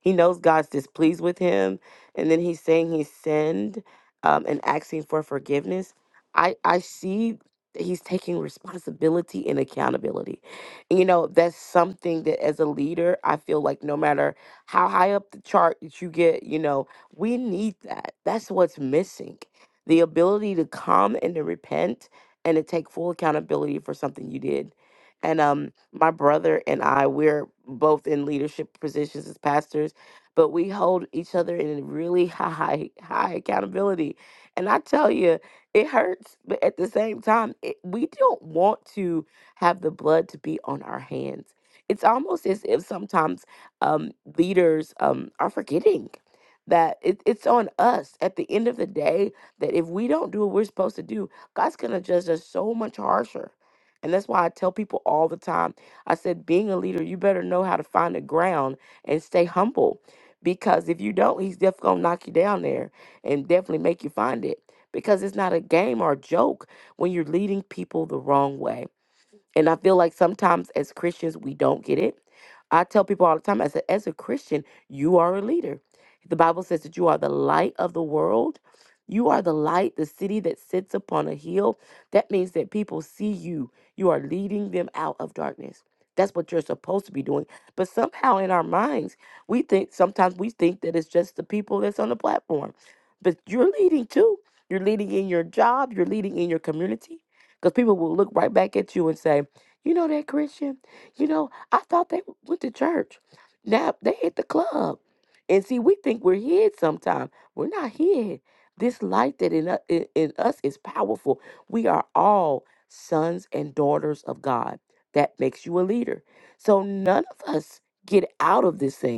he knows God's displeased with him, and then he's saying he sinned, um, and asking for forgiveness. I I see that he's taking responsibility and accountability. And you know, that's something that as a leader, I feel like no matter how high up the chart that you get, you know, we need that. That's what's missing. The ability to come and to repent and to take full accountability for something you did. And um, my brother and I, we're both in leadership positions as pastors, but we hold each other in really high, high accountability. And I tell you, it hurts, but at the same time, it, we don't want to have the blood to be on our hands. It's almost as if sometimes um, leaders um, are forgetting that it, it's on us at the end of the day that if we don't do what we're supposed to do, God's gonna judge us so much harsher. And that's why I tell people all the time. I said, being a leader, you better know how to find the ground and stay humble. Because if you don't, he's definitely gonna knock you down there and definitely make you find it. Because it's not a game or a joke when you're leading people the wrong way. And I feel like sometimes as Christians, we don't get it. I tell people all the time, I said, as a Christian, you are a leader. The Bible says that you are the light of the world. You are the light, the city that sits upon a hill. That means that people see you. You are leading them out of darkness. That's what you're supposed to be doing. But somehow in our minds, we think sometimes we think that it's just the people that's on the platform. But you're leading too. You're leading in your job, you're leading in your community. Because people will look right back at you and say, you know that, Christian? You know, I thought they went to church. Now they hit the club. And see, we think we're hid sometimes. We're not hid. This light that in, u- in, in us is powerful. We are all sons and daughters of God. That makes you a leader. So none of us get out of this thing.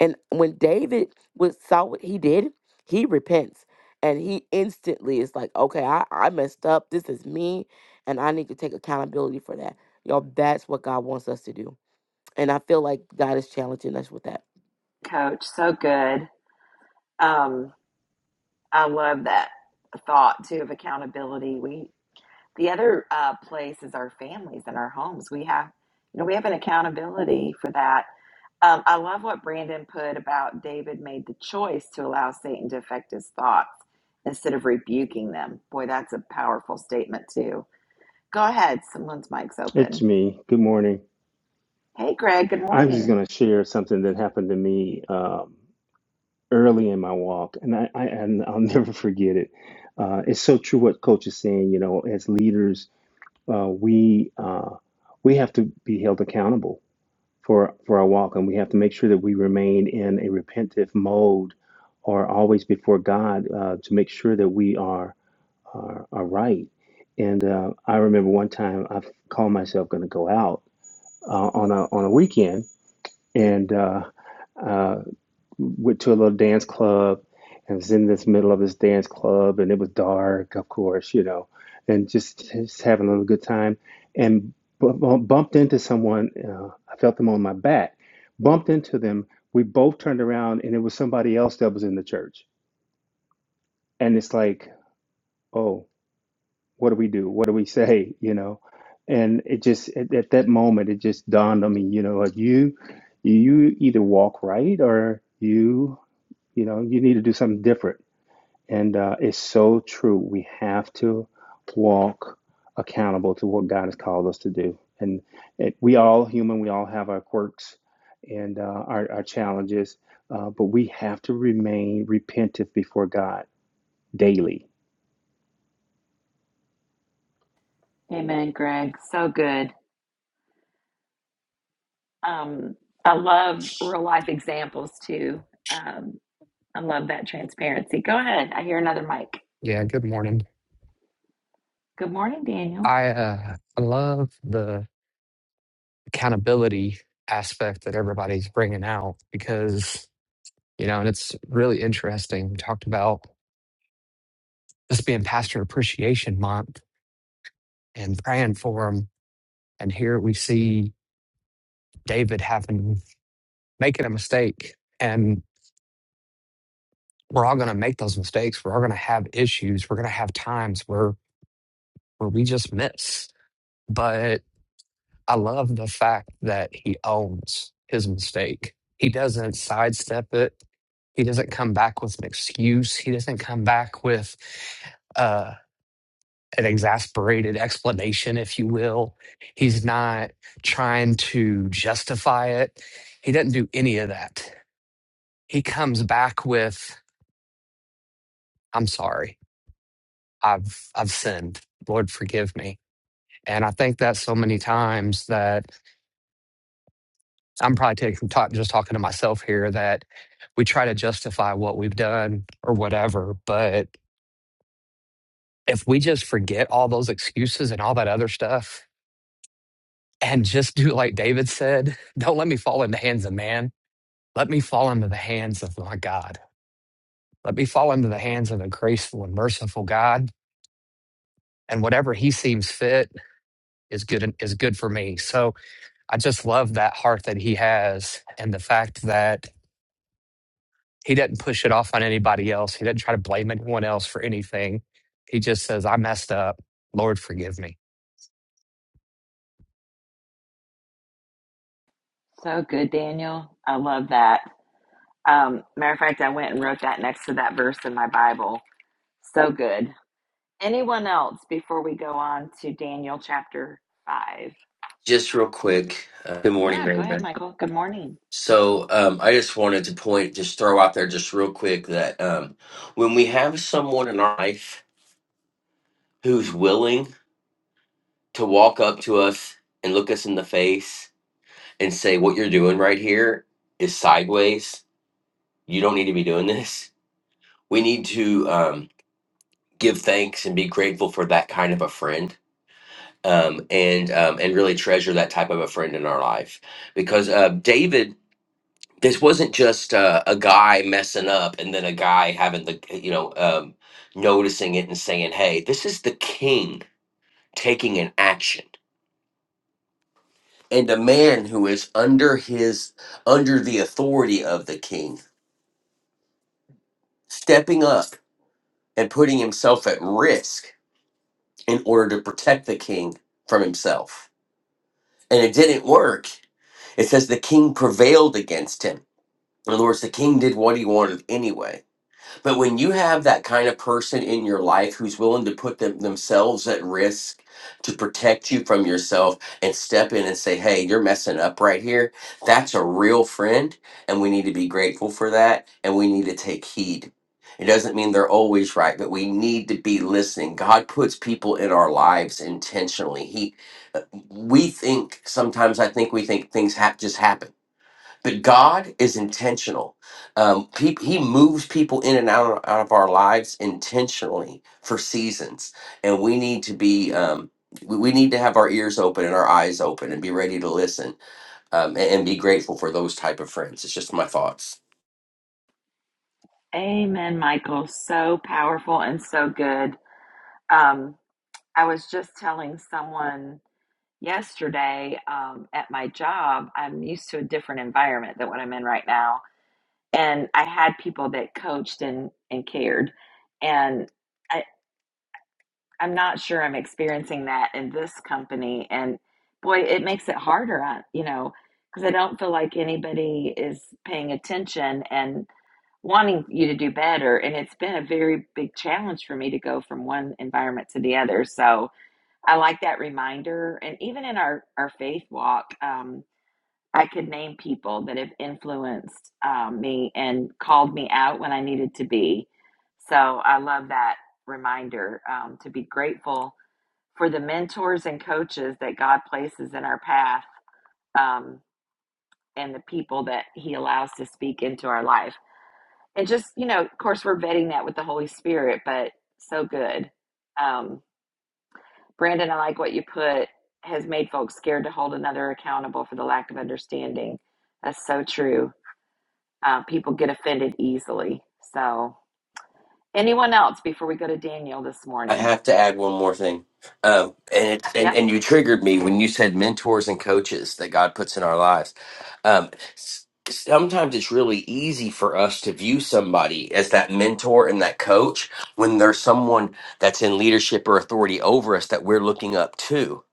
And when David was saw what he did, he repents. And he instantly is like, okay, I, I messed up. This is me. And I need to take accountability for that. Y'all, that's what God wants us to do. And I feel like God is challenging us with that.
coach. So good. Um, I love that thought too of accountability. We the other uh, place is our families and our homes. We have, you know, we have an accountability for that Um, I love what Brandon put about David made the choice to allow Satan to affect his thoughts instead of rebuking them. Boy, that's a powerful statement, too. Go ahead. Someone's mic's
It's
open.
me. Good morning.
Hey, Greg. Good
I'm just
morning.
going to share something that happened to me um, early in my walk, and I, I and I'll never forget it. Uh, it's so true what Coach is saying. You know, as leaders, uh, we uh, we have to be held accountable for for our walk, and we have to make sure that we remain in a repentive mode, or always before God, uh, to make sure that we are are, are right. And uh, I remember one time I called myself going to go out uh, on a on a weekend and uh, uh, went to a little dance club and was in this middle of this dance club and it was dark of course you know and just, just having a little good time and bu- bumped into someone uh, i felt them on my back bumped into them we both turned around and it was somebody else that was in the church and it's like oh what do we do? What do we say? You know, and it just at, at that moment it just dawned on me. You know, like you you either walk right or you you know you need to do something different. And uh, it's so true. We have to walk accountable to what God has called us to do. And it, we all human. We all have our quirks and uh, our, our challenges, uh, but we have to remain repentant before God daily.
Amen, Greg. So good. Um, I love real life examples, too. Um, I love that transparency. Go ahead. I hear another mic.
Yeah, good morning.
Good morning, Daniel.
I uh, I love the accountability aspect that everybody's bringing out because, you know, and it's really interesting. We talked about this being Pastor Appreciation Month and praying for him. And here we see David having, making a mistake. And we're all going to make those mistakes. We're all going to have issues. We're going to have times where, where we just miss. but. I love the fact that he owns his mistake. He doesn't sidestep it. He doesn't come back with an excuse. He doesn't come back with uh, an exasperated explanation, if you will. He's not trying to justify it. He doesn't do any of that. He comes back with, "I'm sorry. I've I've sinned. Lord, forgive me." And I think that so many times that So, I'm probably taking, talk, just talking to myself here that we try to justify what we've done or whatever. But if we just forget all those excuses and all that other stuff and just do like David said, don't let me fall into the hands of man. Let me fall into the hands of my God. Let me fall into the hands of the graceful and merciful God. And whatever he seems fit is good is good for me. So I just love that heart that he has and the fact that He doesn't push it off on anybody else. He doesn't try to blame anyone else for anything. He just says, I messed up. Lord, forgive me.
So good, Daniel. I love that. Um, matter of fact, I went and wrote that next to that verse in my Bible So good. Anyone else before we go on to Daniel chapter 5?
Just real quick. Uh, good morning,
Yeah, go ahead,
Raven.
Michael. Good morning.
So um, I just wanted to point, just throw out there, just real quick, that um, when we have someone in our life who's willing to walk up to us and look us in the face and say, "What you're doing right here is sideways. You don't need to be doing this." We need to um, give thanks and be grateful for that kind of a friend, um, and um, and really treasure that type of a friend in our life, because uh, David this wasn't just uh, a guy messing up and then a guy having the you know um, noticing it and saying hey this is the king taking an action and a man who is under his under the authority of the king stepping up and putting himself at risk in order to protect the king from himself and it didn't work it says the king prevailed against him in other words the king did what he wanted anyway But when you have that kind of person in your life who's willing to put them, themselves at risk to protect you from yourself and step in and say, hey, you're messing up right here, that's a real friend. And we need to be grateful for that. And we need to take heed. It doesn't mean they're always right, but we need to be listening. God puts people in our lives intentionally. He, uh, we think sometimes I think we think things have just happen but God is intentional. Um, he, he moves people in and out of, out of our lives intentionally for seasons, and we need to be um, we, we need to have our ears open and our eyes open and be ready to listen um, and, and be grateful for those type of friends. It's just my thoughts.
Amen, Michael. So powerful and so good. Um, I was just telling someone yesterday um, at my job, I'm used to a different environment than what I'm in right now. And I had people that coached and, and cared. And I, I'm not sure I'm experiencing that in this company. And boy, it makes it harder on, you know, because I don't feel like anybody is paying attention and wanting you to do better. And it's been a very big challenge for me to go from one environment to the other. So I like that reminder. And even in our, our faith walk, um, I could name people that have influenced um, me and called me out when I needed to be. So I love that reminder um, to be grateful for the mentors and coaches that God places in our path um, and the people that He allows to speak into our life. And just, you know, of course, we're vetting that with the Holy Spirit, but so good. Um, Brandon, I like what you put has made folks scared to hold another accountable for the lack of understanding. That's so true. Uh, people get offended easily. So, anyone else before we go to Daniel this
I
morning?
have to add one more thing. Um, and it
Yep.
and, and you triggered me when you said mentors and coaches that God puts in our lives. Um, s- sometimes it's really easy for us to view somebody as that mentor and that coach when there's someone that's in leadership or authority over us that we're looking up to.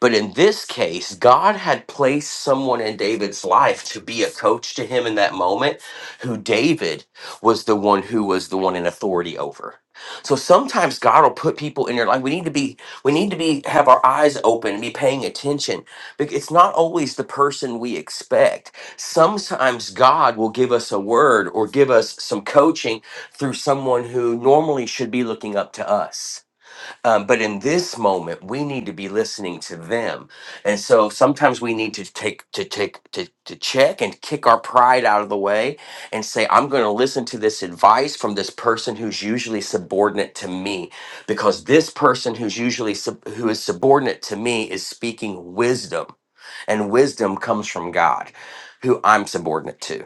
But in this case, God had placed someone in David's life to be a coach to him in that moment, who David was the one who was the one in authority over. So sometimes God will put people in your life. We need to be, we need to be, have our eyes open and be paying attention. Because it's not always the person we expect. Sometimes God will give us a word or give us some coaching through someone who normally should be looking up to us. Um, but in this moment, we need to be listening to them, and so sometimes we need to take to take to, to check and kick our pride out of the way and say, "I'm going to listen to this advice from this person who's usually subordinate to me, because this person who's usually sub- who is subordinate to me is speaking wisdom, and wisdom comes from God, who I'm subordinate to."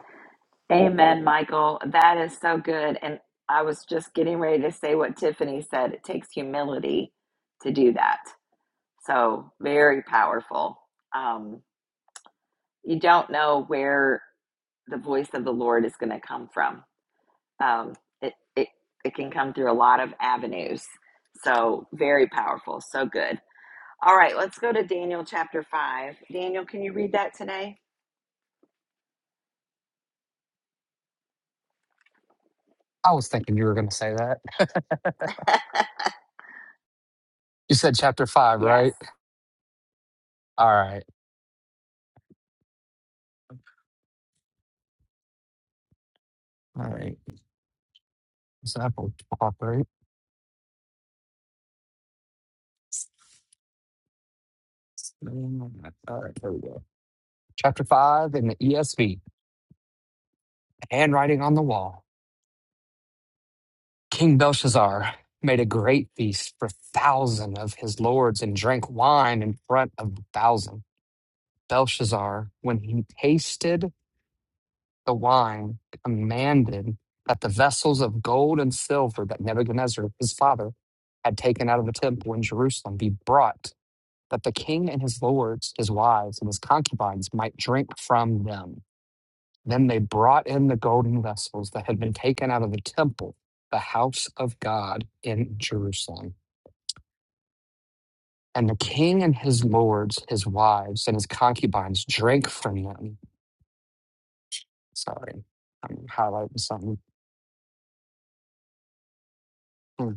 Amen, Michael. That is so good. And I was just getting ready to say what Tiffany said. It takes humility to do that. So very powerful. Um, you don't know where the voice of the Lord is going to come from. Um, it, it, it can come through a lot of avenues. So very powerful. So good. All right, let's go to Daniel chapter 5. Daniel, can you read that today?
I was thinking you were going to say that. You said chapter five,
Yes.
right? All right. All right. So that will pop right. All right. There we go. Chapter five in the ESV Handwriting on the Wall. King Belshazzar made a great feast for thousand of his lords and drank wine in front of the thousand. Belshazzar, when he tasted the wine, commanded that the vessels of gold and silver that Nebuchadnezzar, his father, had taken out of the temple in Jerusalem be brought, that the king and his lords, his wives, and his concubines might drink from them. Then they brought in the golden vessels that had been taken out of the temple, the house of God in Jerusalem. And the king and his lords, his wives, and his concubines drank from them Sorry, I'm highlighting something. Hmm.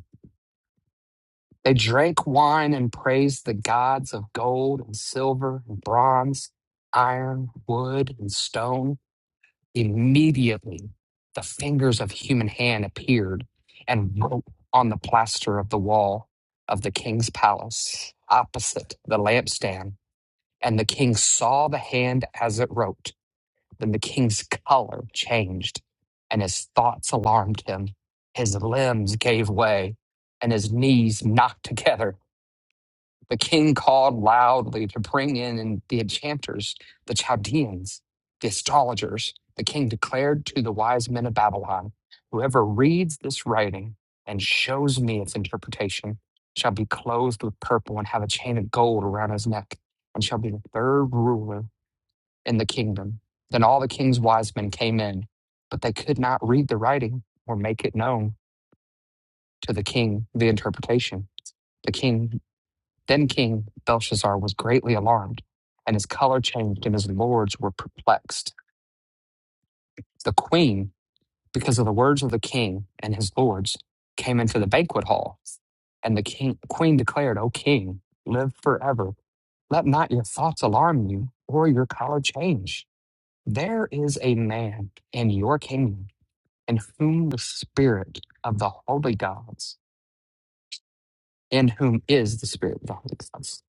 They drank wine and praised the gods of gold and silver and bronze, iron, wood, and stone. Immediately, the fingers of human hand appeared and wrote on the plaster of the wall of the king's palace opposite the lampstand. And the king saw the hand as it wrote. Then the king's color changed, and his thoughts alarmed him. His limbs gave way, and his knees knocked together. The king called loudly to bring in and the enchanters, the Chaldeans, the astrologers. The king declared to the wise men of Babylon Whoever reads this writing and shows me its interpretation shall be clothed with purple and have a chain of gold around his neck, and shall be the third ruler in the kingdom. Then all the king's wise men came in, but they could not read the writing or make it known to the king the interpretation. The king, then King Belshazzar, was greatly alarmed, and his color changed, and his lords were perplexed. The queen, because of the words of the king and his lords, came into the banquet hall, and the king, queen declared, O king, live forever. Let not your thoughts alarm you, or your color change. There is a man in your kingdom in whom the Spirit of the holy gods, in whom is the Spirit of the holy gods.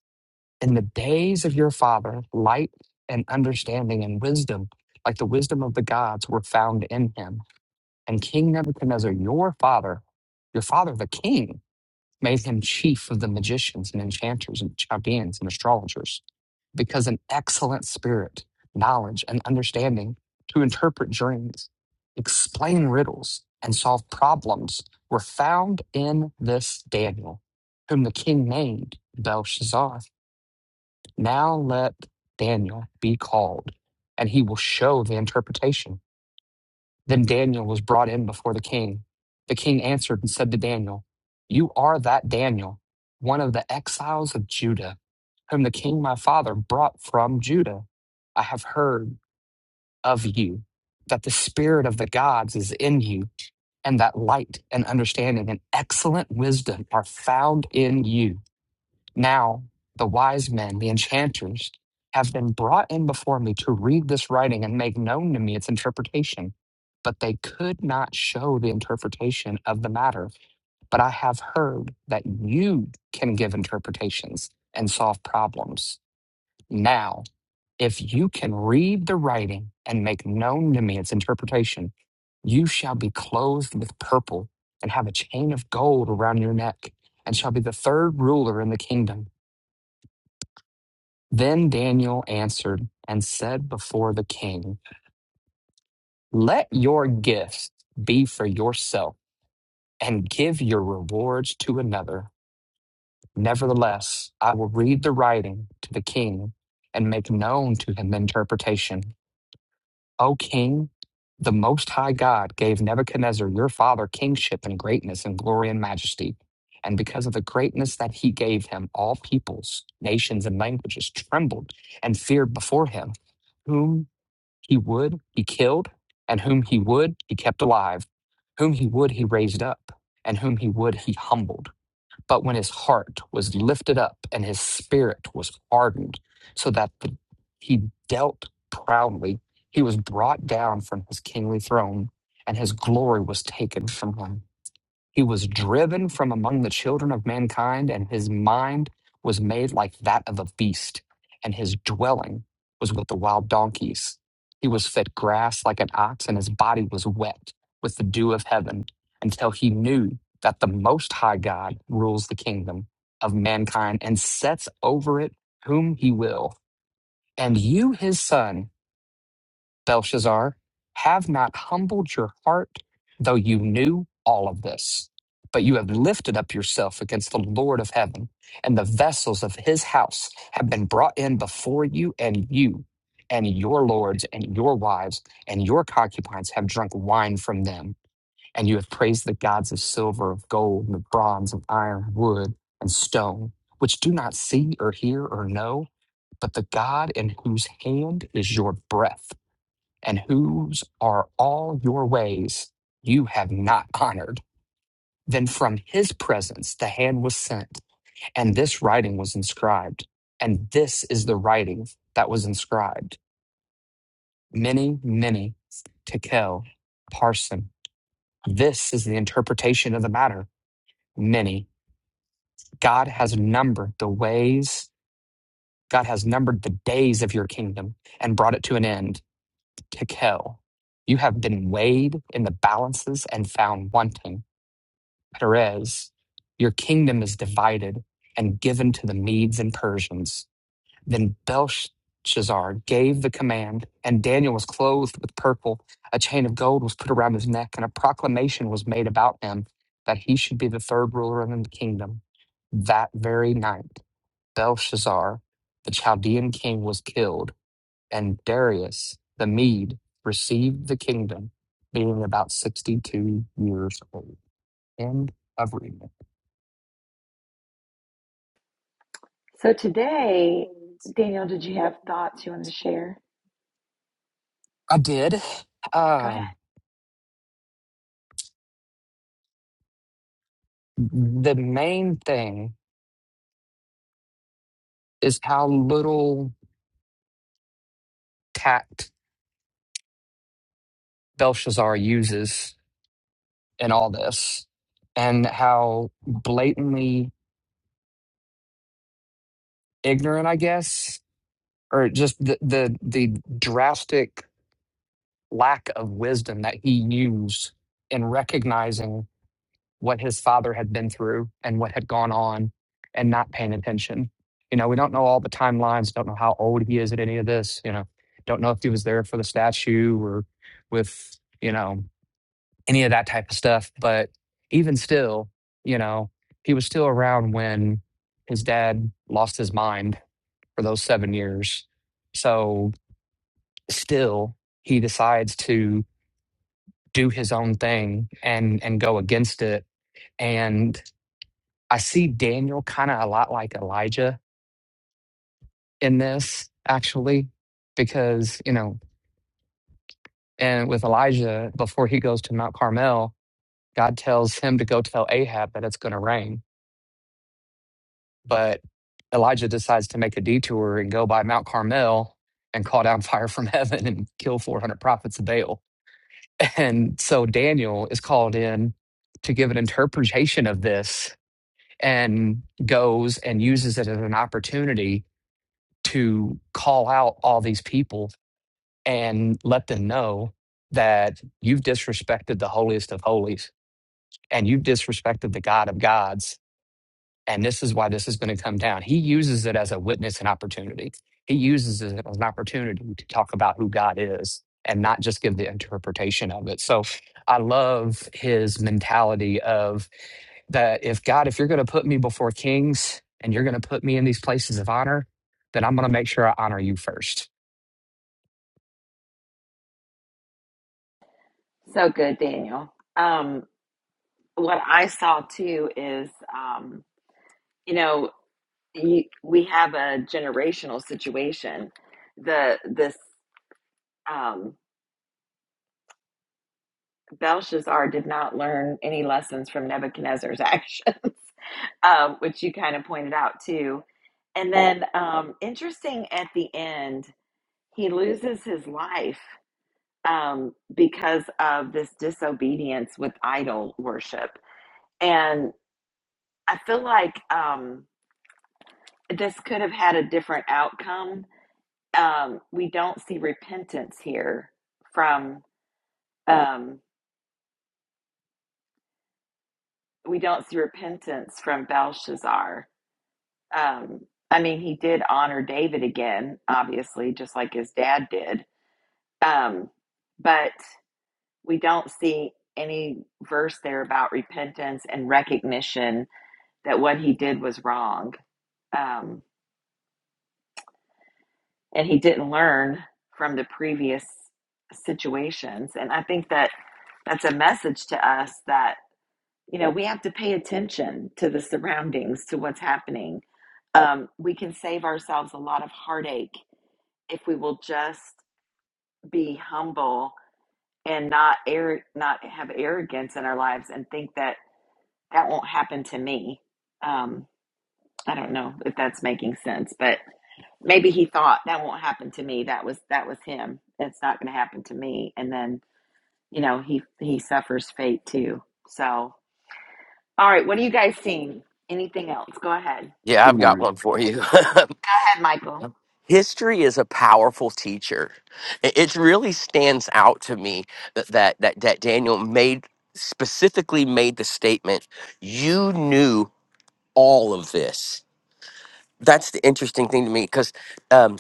In the days of your father, light and understanding and wisdom, like the wisdom of the gods, were found in him. And King Nebuchadnezzar, your father, your father, the king, made him chief of the magicians and enchanters and chaldeans and astrologers, because an excellent spirit, knowledge, and understanding to interpret dreams, explain riddles, and solve problems were found in this Daniel, whom the king named Belshazzar. Now let Daniel be called, and he will show the interpretation. Then Daniel was brought in before the king. The king answered and said to Daniel, You are that Daniel, one of the exiles of Judah, whom the king my father brought from Judah. I have heard of you, that the spirit of the gods is in you, and that light and understanding and excellent wisdom are found in you. Now, the wise men, the enchanters, have been brought in before me to read this writing and make known to me its interpretation. But they could not show the interpretation of the matter. But I have heard that you can give interpretations and solve problems. Now, if you can read the writing and make known to me its interpretation, you shall be clothed with purple and have a chain of gold around your neck and shall be the third ruler in the kingdom. Then Daniel answered and said before the king, Let your gifts be for yourself, and give your rewards to another. Nevertheless, I will read the writing to the king and make known to him the interpretation. O king, the Most High God gave Nebuchadnezzar your father kingship and greatness and glory and majesty. And because of the greatness that he gave him, all peoples, nations, and languages trembled and feared before him whom." He would, he killed, and whom he would, he kept alive. Whom he would, he raised up, and whom he would, he humbled. But when his heart was lifted up and his spirit was hardened, so that the, he dealt proudly, he was brought down from his kingly throne, and his glory was taken from him. He was driven from among the children of mankind, and his mind was made like that of a beast, and his dwelling was with the wild donkeys. He was fed grass like an ox, and his body was wet with the dew of heaven, until he knew that the Most High God rules the kingdom of mankind and sets over it whom he will. And you, his son, Belshazzar, have not humbled your heart, though you knew all of this. But you have lifted up yourself against the Lord of heaven, and the vessels of his house have been brought in before you, and you, and your lords, and your wives, and your concubines have drunk wine from them. And you have praised the gods of silver, of gold, and of bronze, of iron, wood, and stone, which do not see or hear or know, but the God in whose hand is your breath and whose are all your ways you have not honored. Then from his presence the hand was sent, and this writing was inscribed. And this is the writing that was inscribed many, many, tekel, parson. This is the interpretation of the matter. Many. God has numbered the ways, God has numbered the days of your kingdom and brought it to an end, tekel. You have been weighed in the balances and found wanting. Perez, your kingdom is divided and given to the Medes and Persians. Then Belshazzar gave the command, and Daniel was clothed with purple. A chain of gold was put around his neck, and a proclamation was made about him that he should be the third ruler in the kingdom. That very night, Belshazzar, the Chaldean king, was killed, and Darius the Mede received the kingdom, being about 62 years old. End of reading.
So today, Daniel, did you have thoughts you wanted to share?
I did.
Go ahead.
Um, the main thing is how little tact Belshazzar uses in all this, and how blatantly ignorant, I guess, or just the the, the drastic lack of wisdom that he used in recognizing. what his father had been through and what had gone on and not paying attention. You know, we don't know all the timelines, don't know how old he is at any of this, you know, don't know if he was there for the statue or with, you know, any of that type of stuff. But even still, you know, he was still around when his dad lost his mind for those seven years. So still, he decides to do his own thing and and go against it and I see Daniel kind of a lot like Elijah in this, actually, because, you know, and with Elijah, before he goes to Mount Carmel, God tells him to go tell Ahab that it's going to rain. But Elijah decides to make a detour and go by Mount Carmel and call down fire from heaven and kill 400 prophets of Baal. And so Daniel is called in to give an interpretation of this and goes and uses it as an opportunity to call out all these people and let them know that you've disrespected the holiest of holies and you've disrespected the God of gods and this is why this is going to come down. He uses it as a witness and opportunity. He uses it as an opportunity to talk about who God is and not just give the interpretation of it. So I love his mentality of that if God, if you're going to put me before kings and you're going to put me in these places of honor, then I'm going to make sure I honor you first.
So good, Daniel. Um, what I saw too is, um, you know, you, we have a generational situation. The this um, Belshazzar did not learn any lessons from Nebuchadnezzar's actions, um, which you kind of pointed out too. And then, um, interesting at the end, he loses his life um, because of this disobedience with idol worship. and. I feel like um, this could have had a different outcome. Um, we don't see repentance here from, um, we don't see repentance from Belshazzar. Um, I mean, he did honor David again, obviously, just like his dad did. Um, but we don't see any verse there about repentance and recognition that what he did was wrong. Um, and he didn't learn from the previous situations and i think that that's a message to us that you know we have to pay attention to the surroundings to what's happening um, we can save ourselves a lot of heartache if we will just be humble and not air not have arrogance in our lives and think that that won't happen to me um, i don't know if that's making sense but maybe he thought that won't happen to me that was that was him it's not going to happen to me and then you know he he suffers fate too so all right what are you guys seeing anything else go ahead go
Yeah,
Good
I've got
morning.
one for you.
ahead michael
history is a powerful teacher it it really stands out to me that that that, that daniel made specifically made the statement you knew all of this that's the interesting thing to me because um,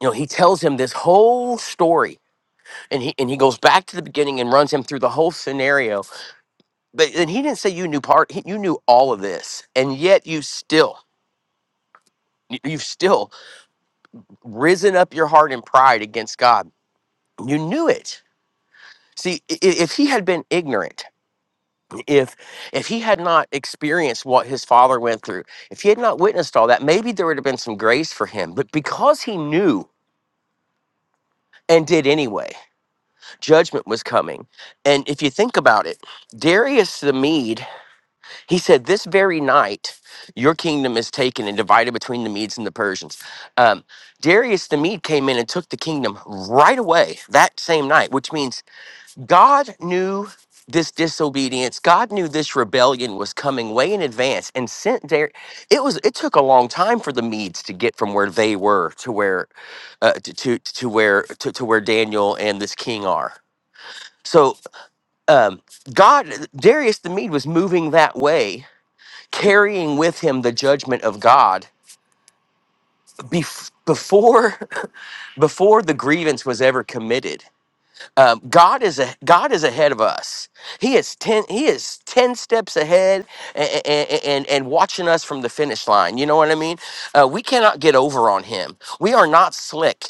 you know he tells him this whole story and he and he goes back to the beginning and runs him through the whole scenario but then he didn't say you knew part he, you knew all of this and yet you still you- you've still risen up your heart in pride against god you knew it See, i- i- if he had been ignorant, if if he had not experienced what his father went through, if he had not witnessed all that, maybe there would have been some grace for him. But because he knew and did anyway, judgment was coming. And if you think about it, Darius the Mede, he said, "This very night, your kingdom is taken and divided between the Medes and the Persians." Um, Darius the Mede came in and took the kingdom right away that same night, which means God knew this disobedience. God knew this rebellion was coming way in advance and sent there. It was it took a long time for the Medes to get from where they were to where uh, to, to to where to, to where Daniel and this king are. So um, God Darius the Mede was moving that way, carrying with him the judgment of God bef- before before the grievance was ever committed um, God is a, God is ahead of us. He is ten. He is ten steps ahead and and, and, watching us from the finish line. You know what I mean? Uh, we cannot get over on Him. We are not slick,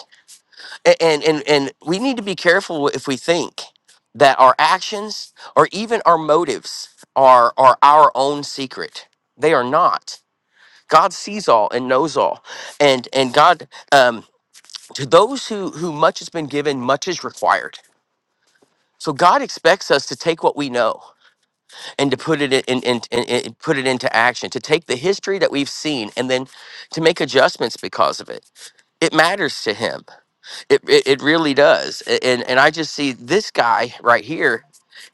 A- and and and we need to be careful if we think that our actions or even our motives are are our own secret. They are not. God sees all and knows all, and and God um, to those who who much has been given, much is required so God expects us to take what we know and to put it in, in, in, in- in- put it into action, to take the history that we've seen and then to make adjustments because of it. It matters to him. It, it, it really does. A- And and I just see this guy right here.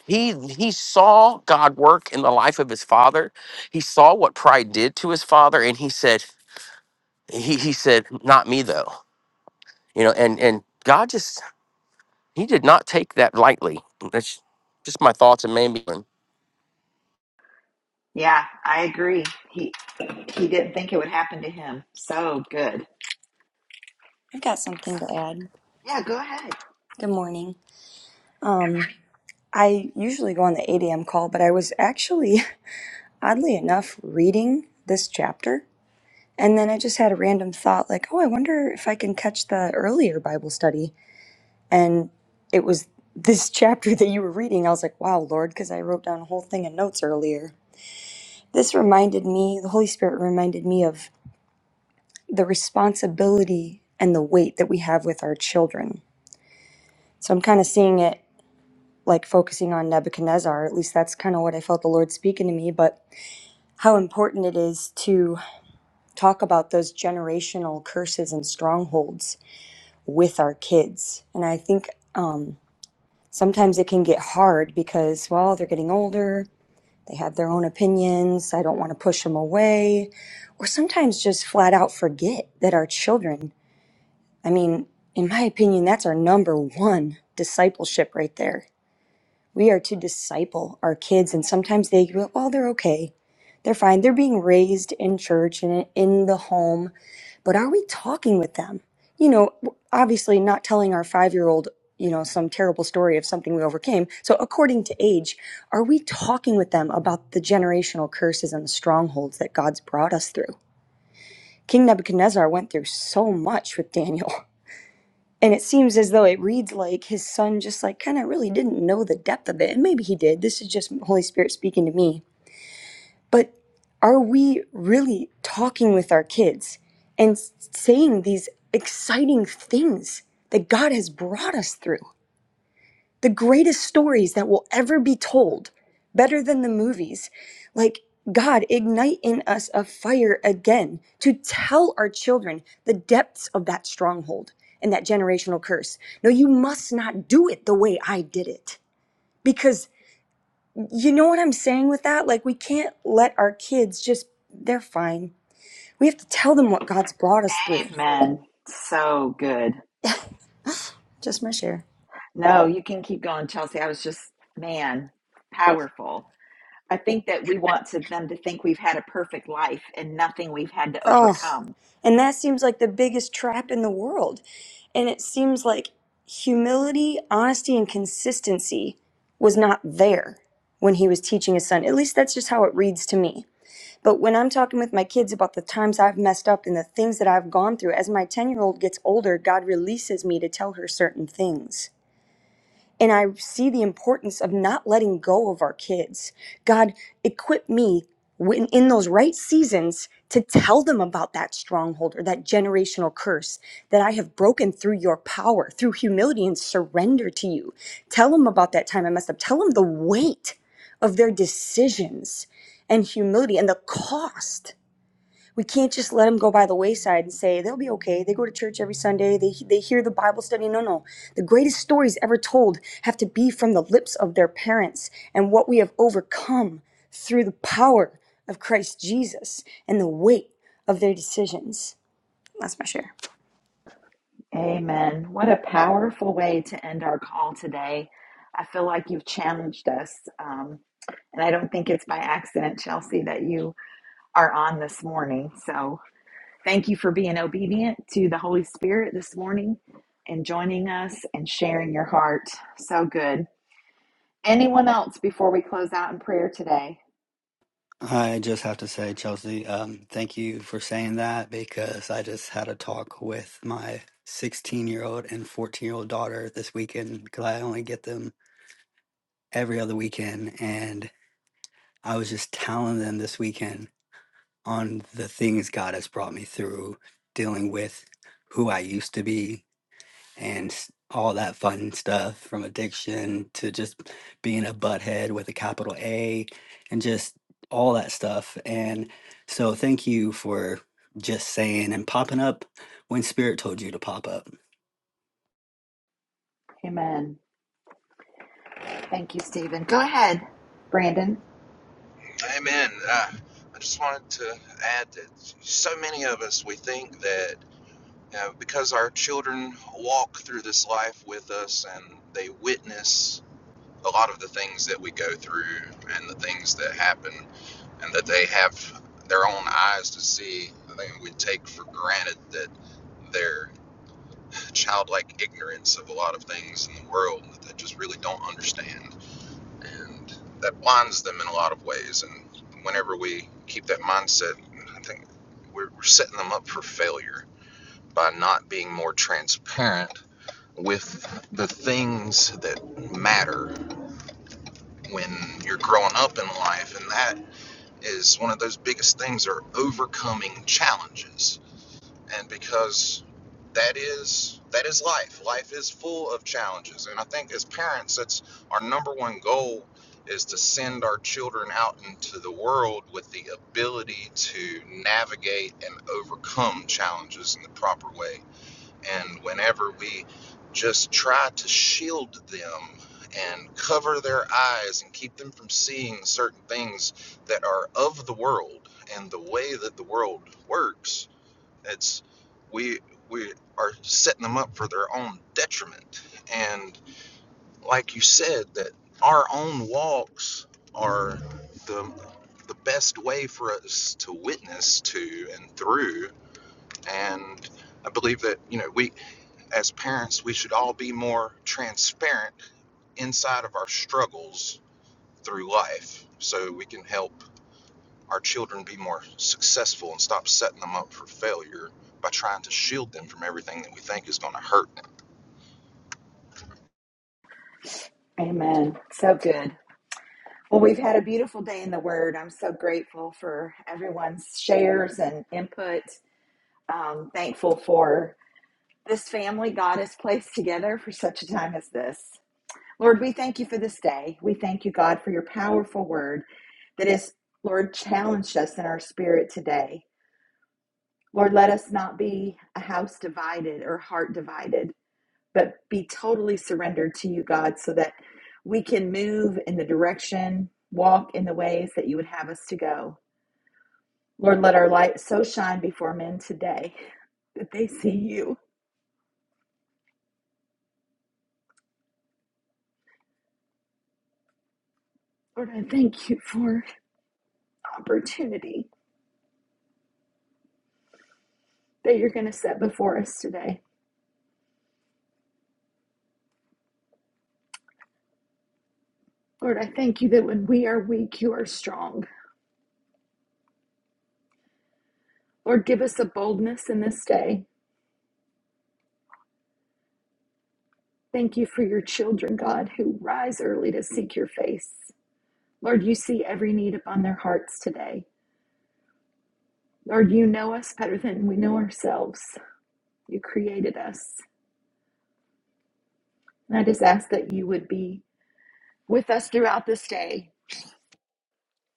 He he saw God work in the life of his father. He saw what pride did to his father, and he said he he said not me though. You know, and and God just he did not take that lightly. That's just my thoughts and maybe.
yeah i agree he he didn't think it would happen to him so good
I've got something to add.
yeah go ahead
Good morning. Um, I usually go on the 8 a.m. call, but I was actually, oddly enough, reading this chapter. And then I just had a random thought like, oh, I wonder if I can catch the earlier Bible study. And it was this chapter that you were reading. I was like, wow, Lord, because I wrote down a whole thing in notes earlier. This reminded me, the Holy Spirit reminded me of the responsibility and the weight that we have with our children. So I'm kind of seeing it like focusing on Nebuchadnezzar. At least that's kind of what I felt the Lord speaking to me, but how important it is to talk about those generational curses and strongholds with our kids. And I think um, sometimes it can get hard because, well, they're getting older, they have their own opinions, I don't want to push them away, or sometimes just flat out forget that our children, I mean, in my opinion, that's our number one discipleship right there We are to disciple our kids, and sometimes they go, oh, they're okay. They're fine. They're being raised in church and in the home, but are we talking with them? You know, obviously not telling our five year old, you know, some terrible story of something we overcame. So, according to age, are we talking with them about the generational curses and the strongholds that God's brought us through? King Nebuchadnezzar went through so much with Daniel. And it seems as though it reads like his son just like kind of really didn't know the depth of it. And maybe he did. This is just Holy Spirit speaking to me. But are we really talking with our kids and saying these exciting things that God has brought us through? the greatest stories that will ever be told, better than the movies. Like, God, ignite in us a fire again to tell our children the depths of that stronghold and that generational curse. No, you must not do it the way I did it. Because you know what I'm saying with that? Like, we can't let our kids just, they're fine. We have to tell them what God's brought us through.
amen so good
Just my share.
no you can keep going chelsea i was just man powerful i think that we want to them to think we've had a perfect life and nothing we've had to
Oh.
overcome
And that seems like the biggest trap in the world. And it seems like humility, honesty, and consistency was not there when he was teaching his son. At least that's just how it reads to me. But when I'm talking with my kids about the times I've messed up and the things that I've gone through, as my 10 year old gets older, God releases me to tell her certain things and I see the importance of not letting go of our kids. God, equip me when, in those right seasons to tell them about that stronghold or that generational curse that I have broken through your power, through humility and surrender to you. Tell them about that time I messed up. Tell them the weight of their decisions and humility and the cost we can't just let them go by the wayside and say they'll be okay. They go to church every Sunday. They they hear the Bible study. No, no. The greatest stories ever told have to be from the lips of their parents and what we have overcome through the power of Christ Jesus and the weight of their decisions. That's my share.
Amen. What a powerful way to end our call today. I feel like you've challenged us. Um, and I don't think it's by accident, Chelsea, that you are on this morning. So thank you for being obedient to the Holy Spirit this morning and joining us and sharing your heart. So good. Anyone else before we close out in prayer today?
I just have to say, Chelsea, um, thank you for saying that because I just had a talk with my 16 year old and 14 year old daughter this weekend because I only get them every other weekend. And I was just telling them this weekend on the things God has brought me through dealing with who I used to be and s- all that fun stuff from addiction to just being a butthead with a capital A and just all that stuff. And so thank you for just saying and popping up when spirit told you to pop up.
Amen. Thank you, Stephen. Go ahead, Brandon.
Amen. Uh, I just wanted to add that so many of us we think that you know, because our children walk through this life with us and they witness a lot of the things that we go through and the things that happen, and that they have their own eyes to see. I think we take for granted that their childlike ignorance of a lot of things in the world that they just really don't understand. And that blinds them in a lot of ways. And whenever we keep that mindset, I think we're, we're setting them up for failure by not being more transparent with the things that matter when you're growing up in life. and that. is one of those biggest things are overcoming challenges and because that is that is life life is full of challenges and i think as parents that's our number one goal is to send our children out into the world with the ability to navigate and overcome challenges in the proper way and whenever we just try to shield them and cover their eyes and keep them from seeing certain things that are of the world and the way that the world works, it's we we are setting them up for their own detriment. And like you said, that our own walks are the the best way for us to witness to and through and I believe that you know we as parents, we should all be more transparent inside of our struggles through life so we can help our children be more successful and stop setting them up for failure by trying to shield them from everything that we think is going to hurt them.
Amen. So good. Well, we've had a beautiful day in the Word. I'm so grateful for everyone's shares and input. Um, thankful for this family God has placed together for such a time as this. Lord, we thank you for this day. We thank you, God, for your powerful word that has, Lord, challenged us in our spirit today. Lord, let us not be a house divided or heart divided but be totally surrendered to you, God, so that we can move in the direction, walk in the ways that you would have us to go. Lord, let our light so shine before men today that they see you. Lord, I thank you for the opportunity that you're going to set before us today. Lord, I thank you that when we are weak, you are strong. Lord, give us a boldness in this day. Thank you for your children, God, who rise early to seek your face. Lord, you see every need upon their hearts today. Lord, you know us better than we know ourselves. You created us. And I just ask that you would be with us throughout this day.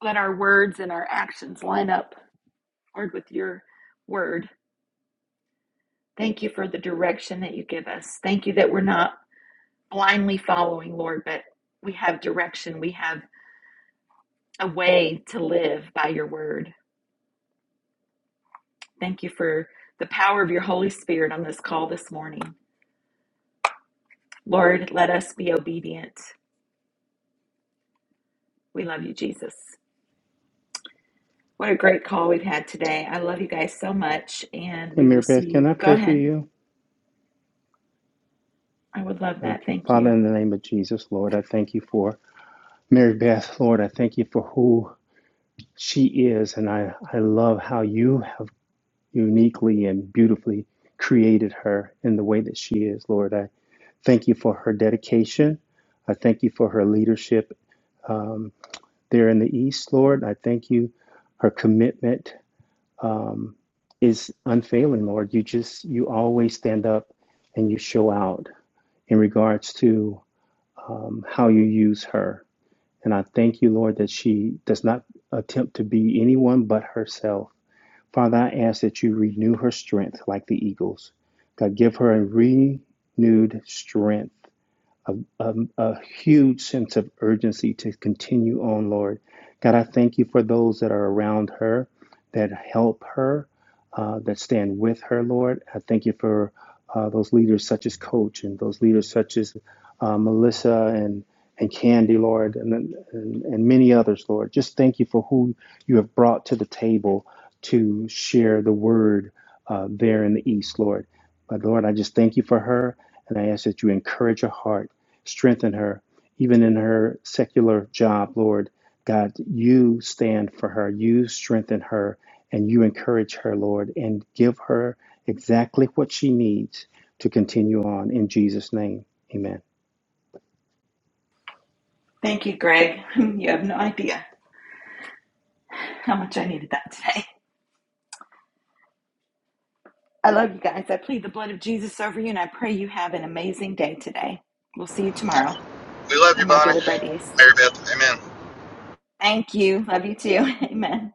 Let our words and our actions line up, Lord, with your word. Thank you for the direction that you give us. Thank you that we're not blindly following, Lord, but we have direction. We have a way to live by your word. Thank you for the power of your Holy Spirit on this call this morning. Lord, let us be obedient. We love you, Jesus. What a great call we've had today. I love you guys so much, and
Hey,
we
Mary
will see
Beth, can
you.
I
Go
pray for
ahead.
you?
I would love that.
Okay,
Thank you.
Father, in the name of Jesus, Lord, I thank you for Mary Beth, Lord. I thank you for who she is, and I, I love how you have uniquely and beautifully created her in the way that she is, Lord. I thank you for her dedication. I thank you for her leadership um, there in the East, Lord. I thank you. Her commitment um, is unfailing, Lord. You just, you always stand up and you show out in regards to um, how you use her And I thank you, Lord, that she does not attempt to be anyone but herself. Father, I ask that you renew her strength like the eagles. God, give her a renewed strength um, a huge sense of urgency to continue on, Lord. God, I thank you for those that are around her, that help her, uh, that stand with her, Lord. I thank you for uh, those leaders such as Coach and those leaders such as uh, Melissa and and Candy, Lord, and, and and many others, Lord. Just thank you for who you have brought to the table to share the word uh, there in the East, Lord. But Lord, I just thank you for her, and I ask that you encourage her heart Strengthen her, even in her secular job, Lord. God, you stand for her, you strengthen her, and you encourage her, Lord, and give her exactly what she needs to continue on. In Jesus' name, amen.
Thank you, Greg. You have no idea how much I needed that today. I love you guys. I plead the blood of Jesus over you, and I pray you have an amazing day today. We'll see you tomorrow
We love you,
on my
Bonnie.
Daily Bread East.
Mary Beth, amen.
Thank you. Love you too. Amen.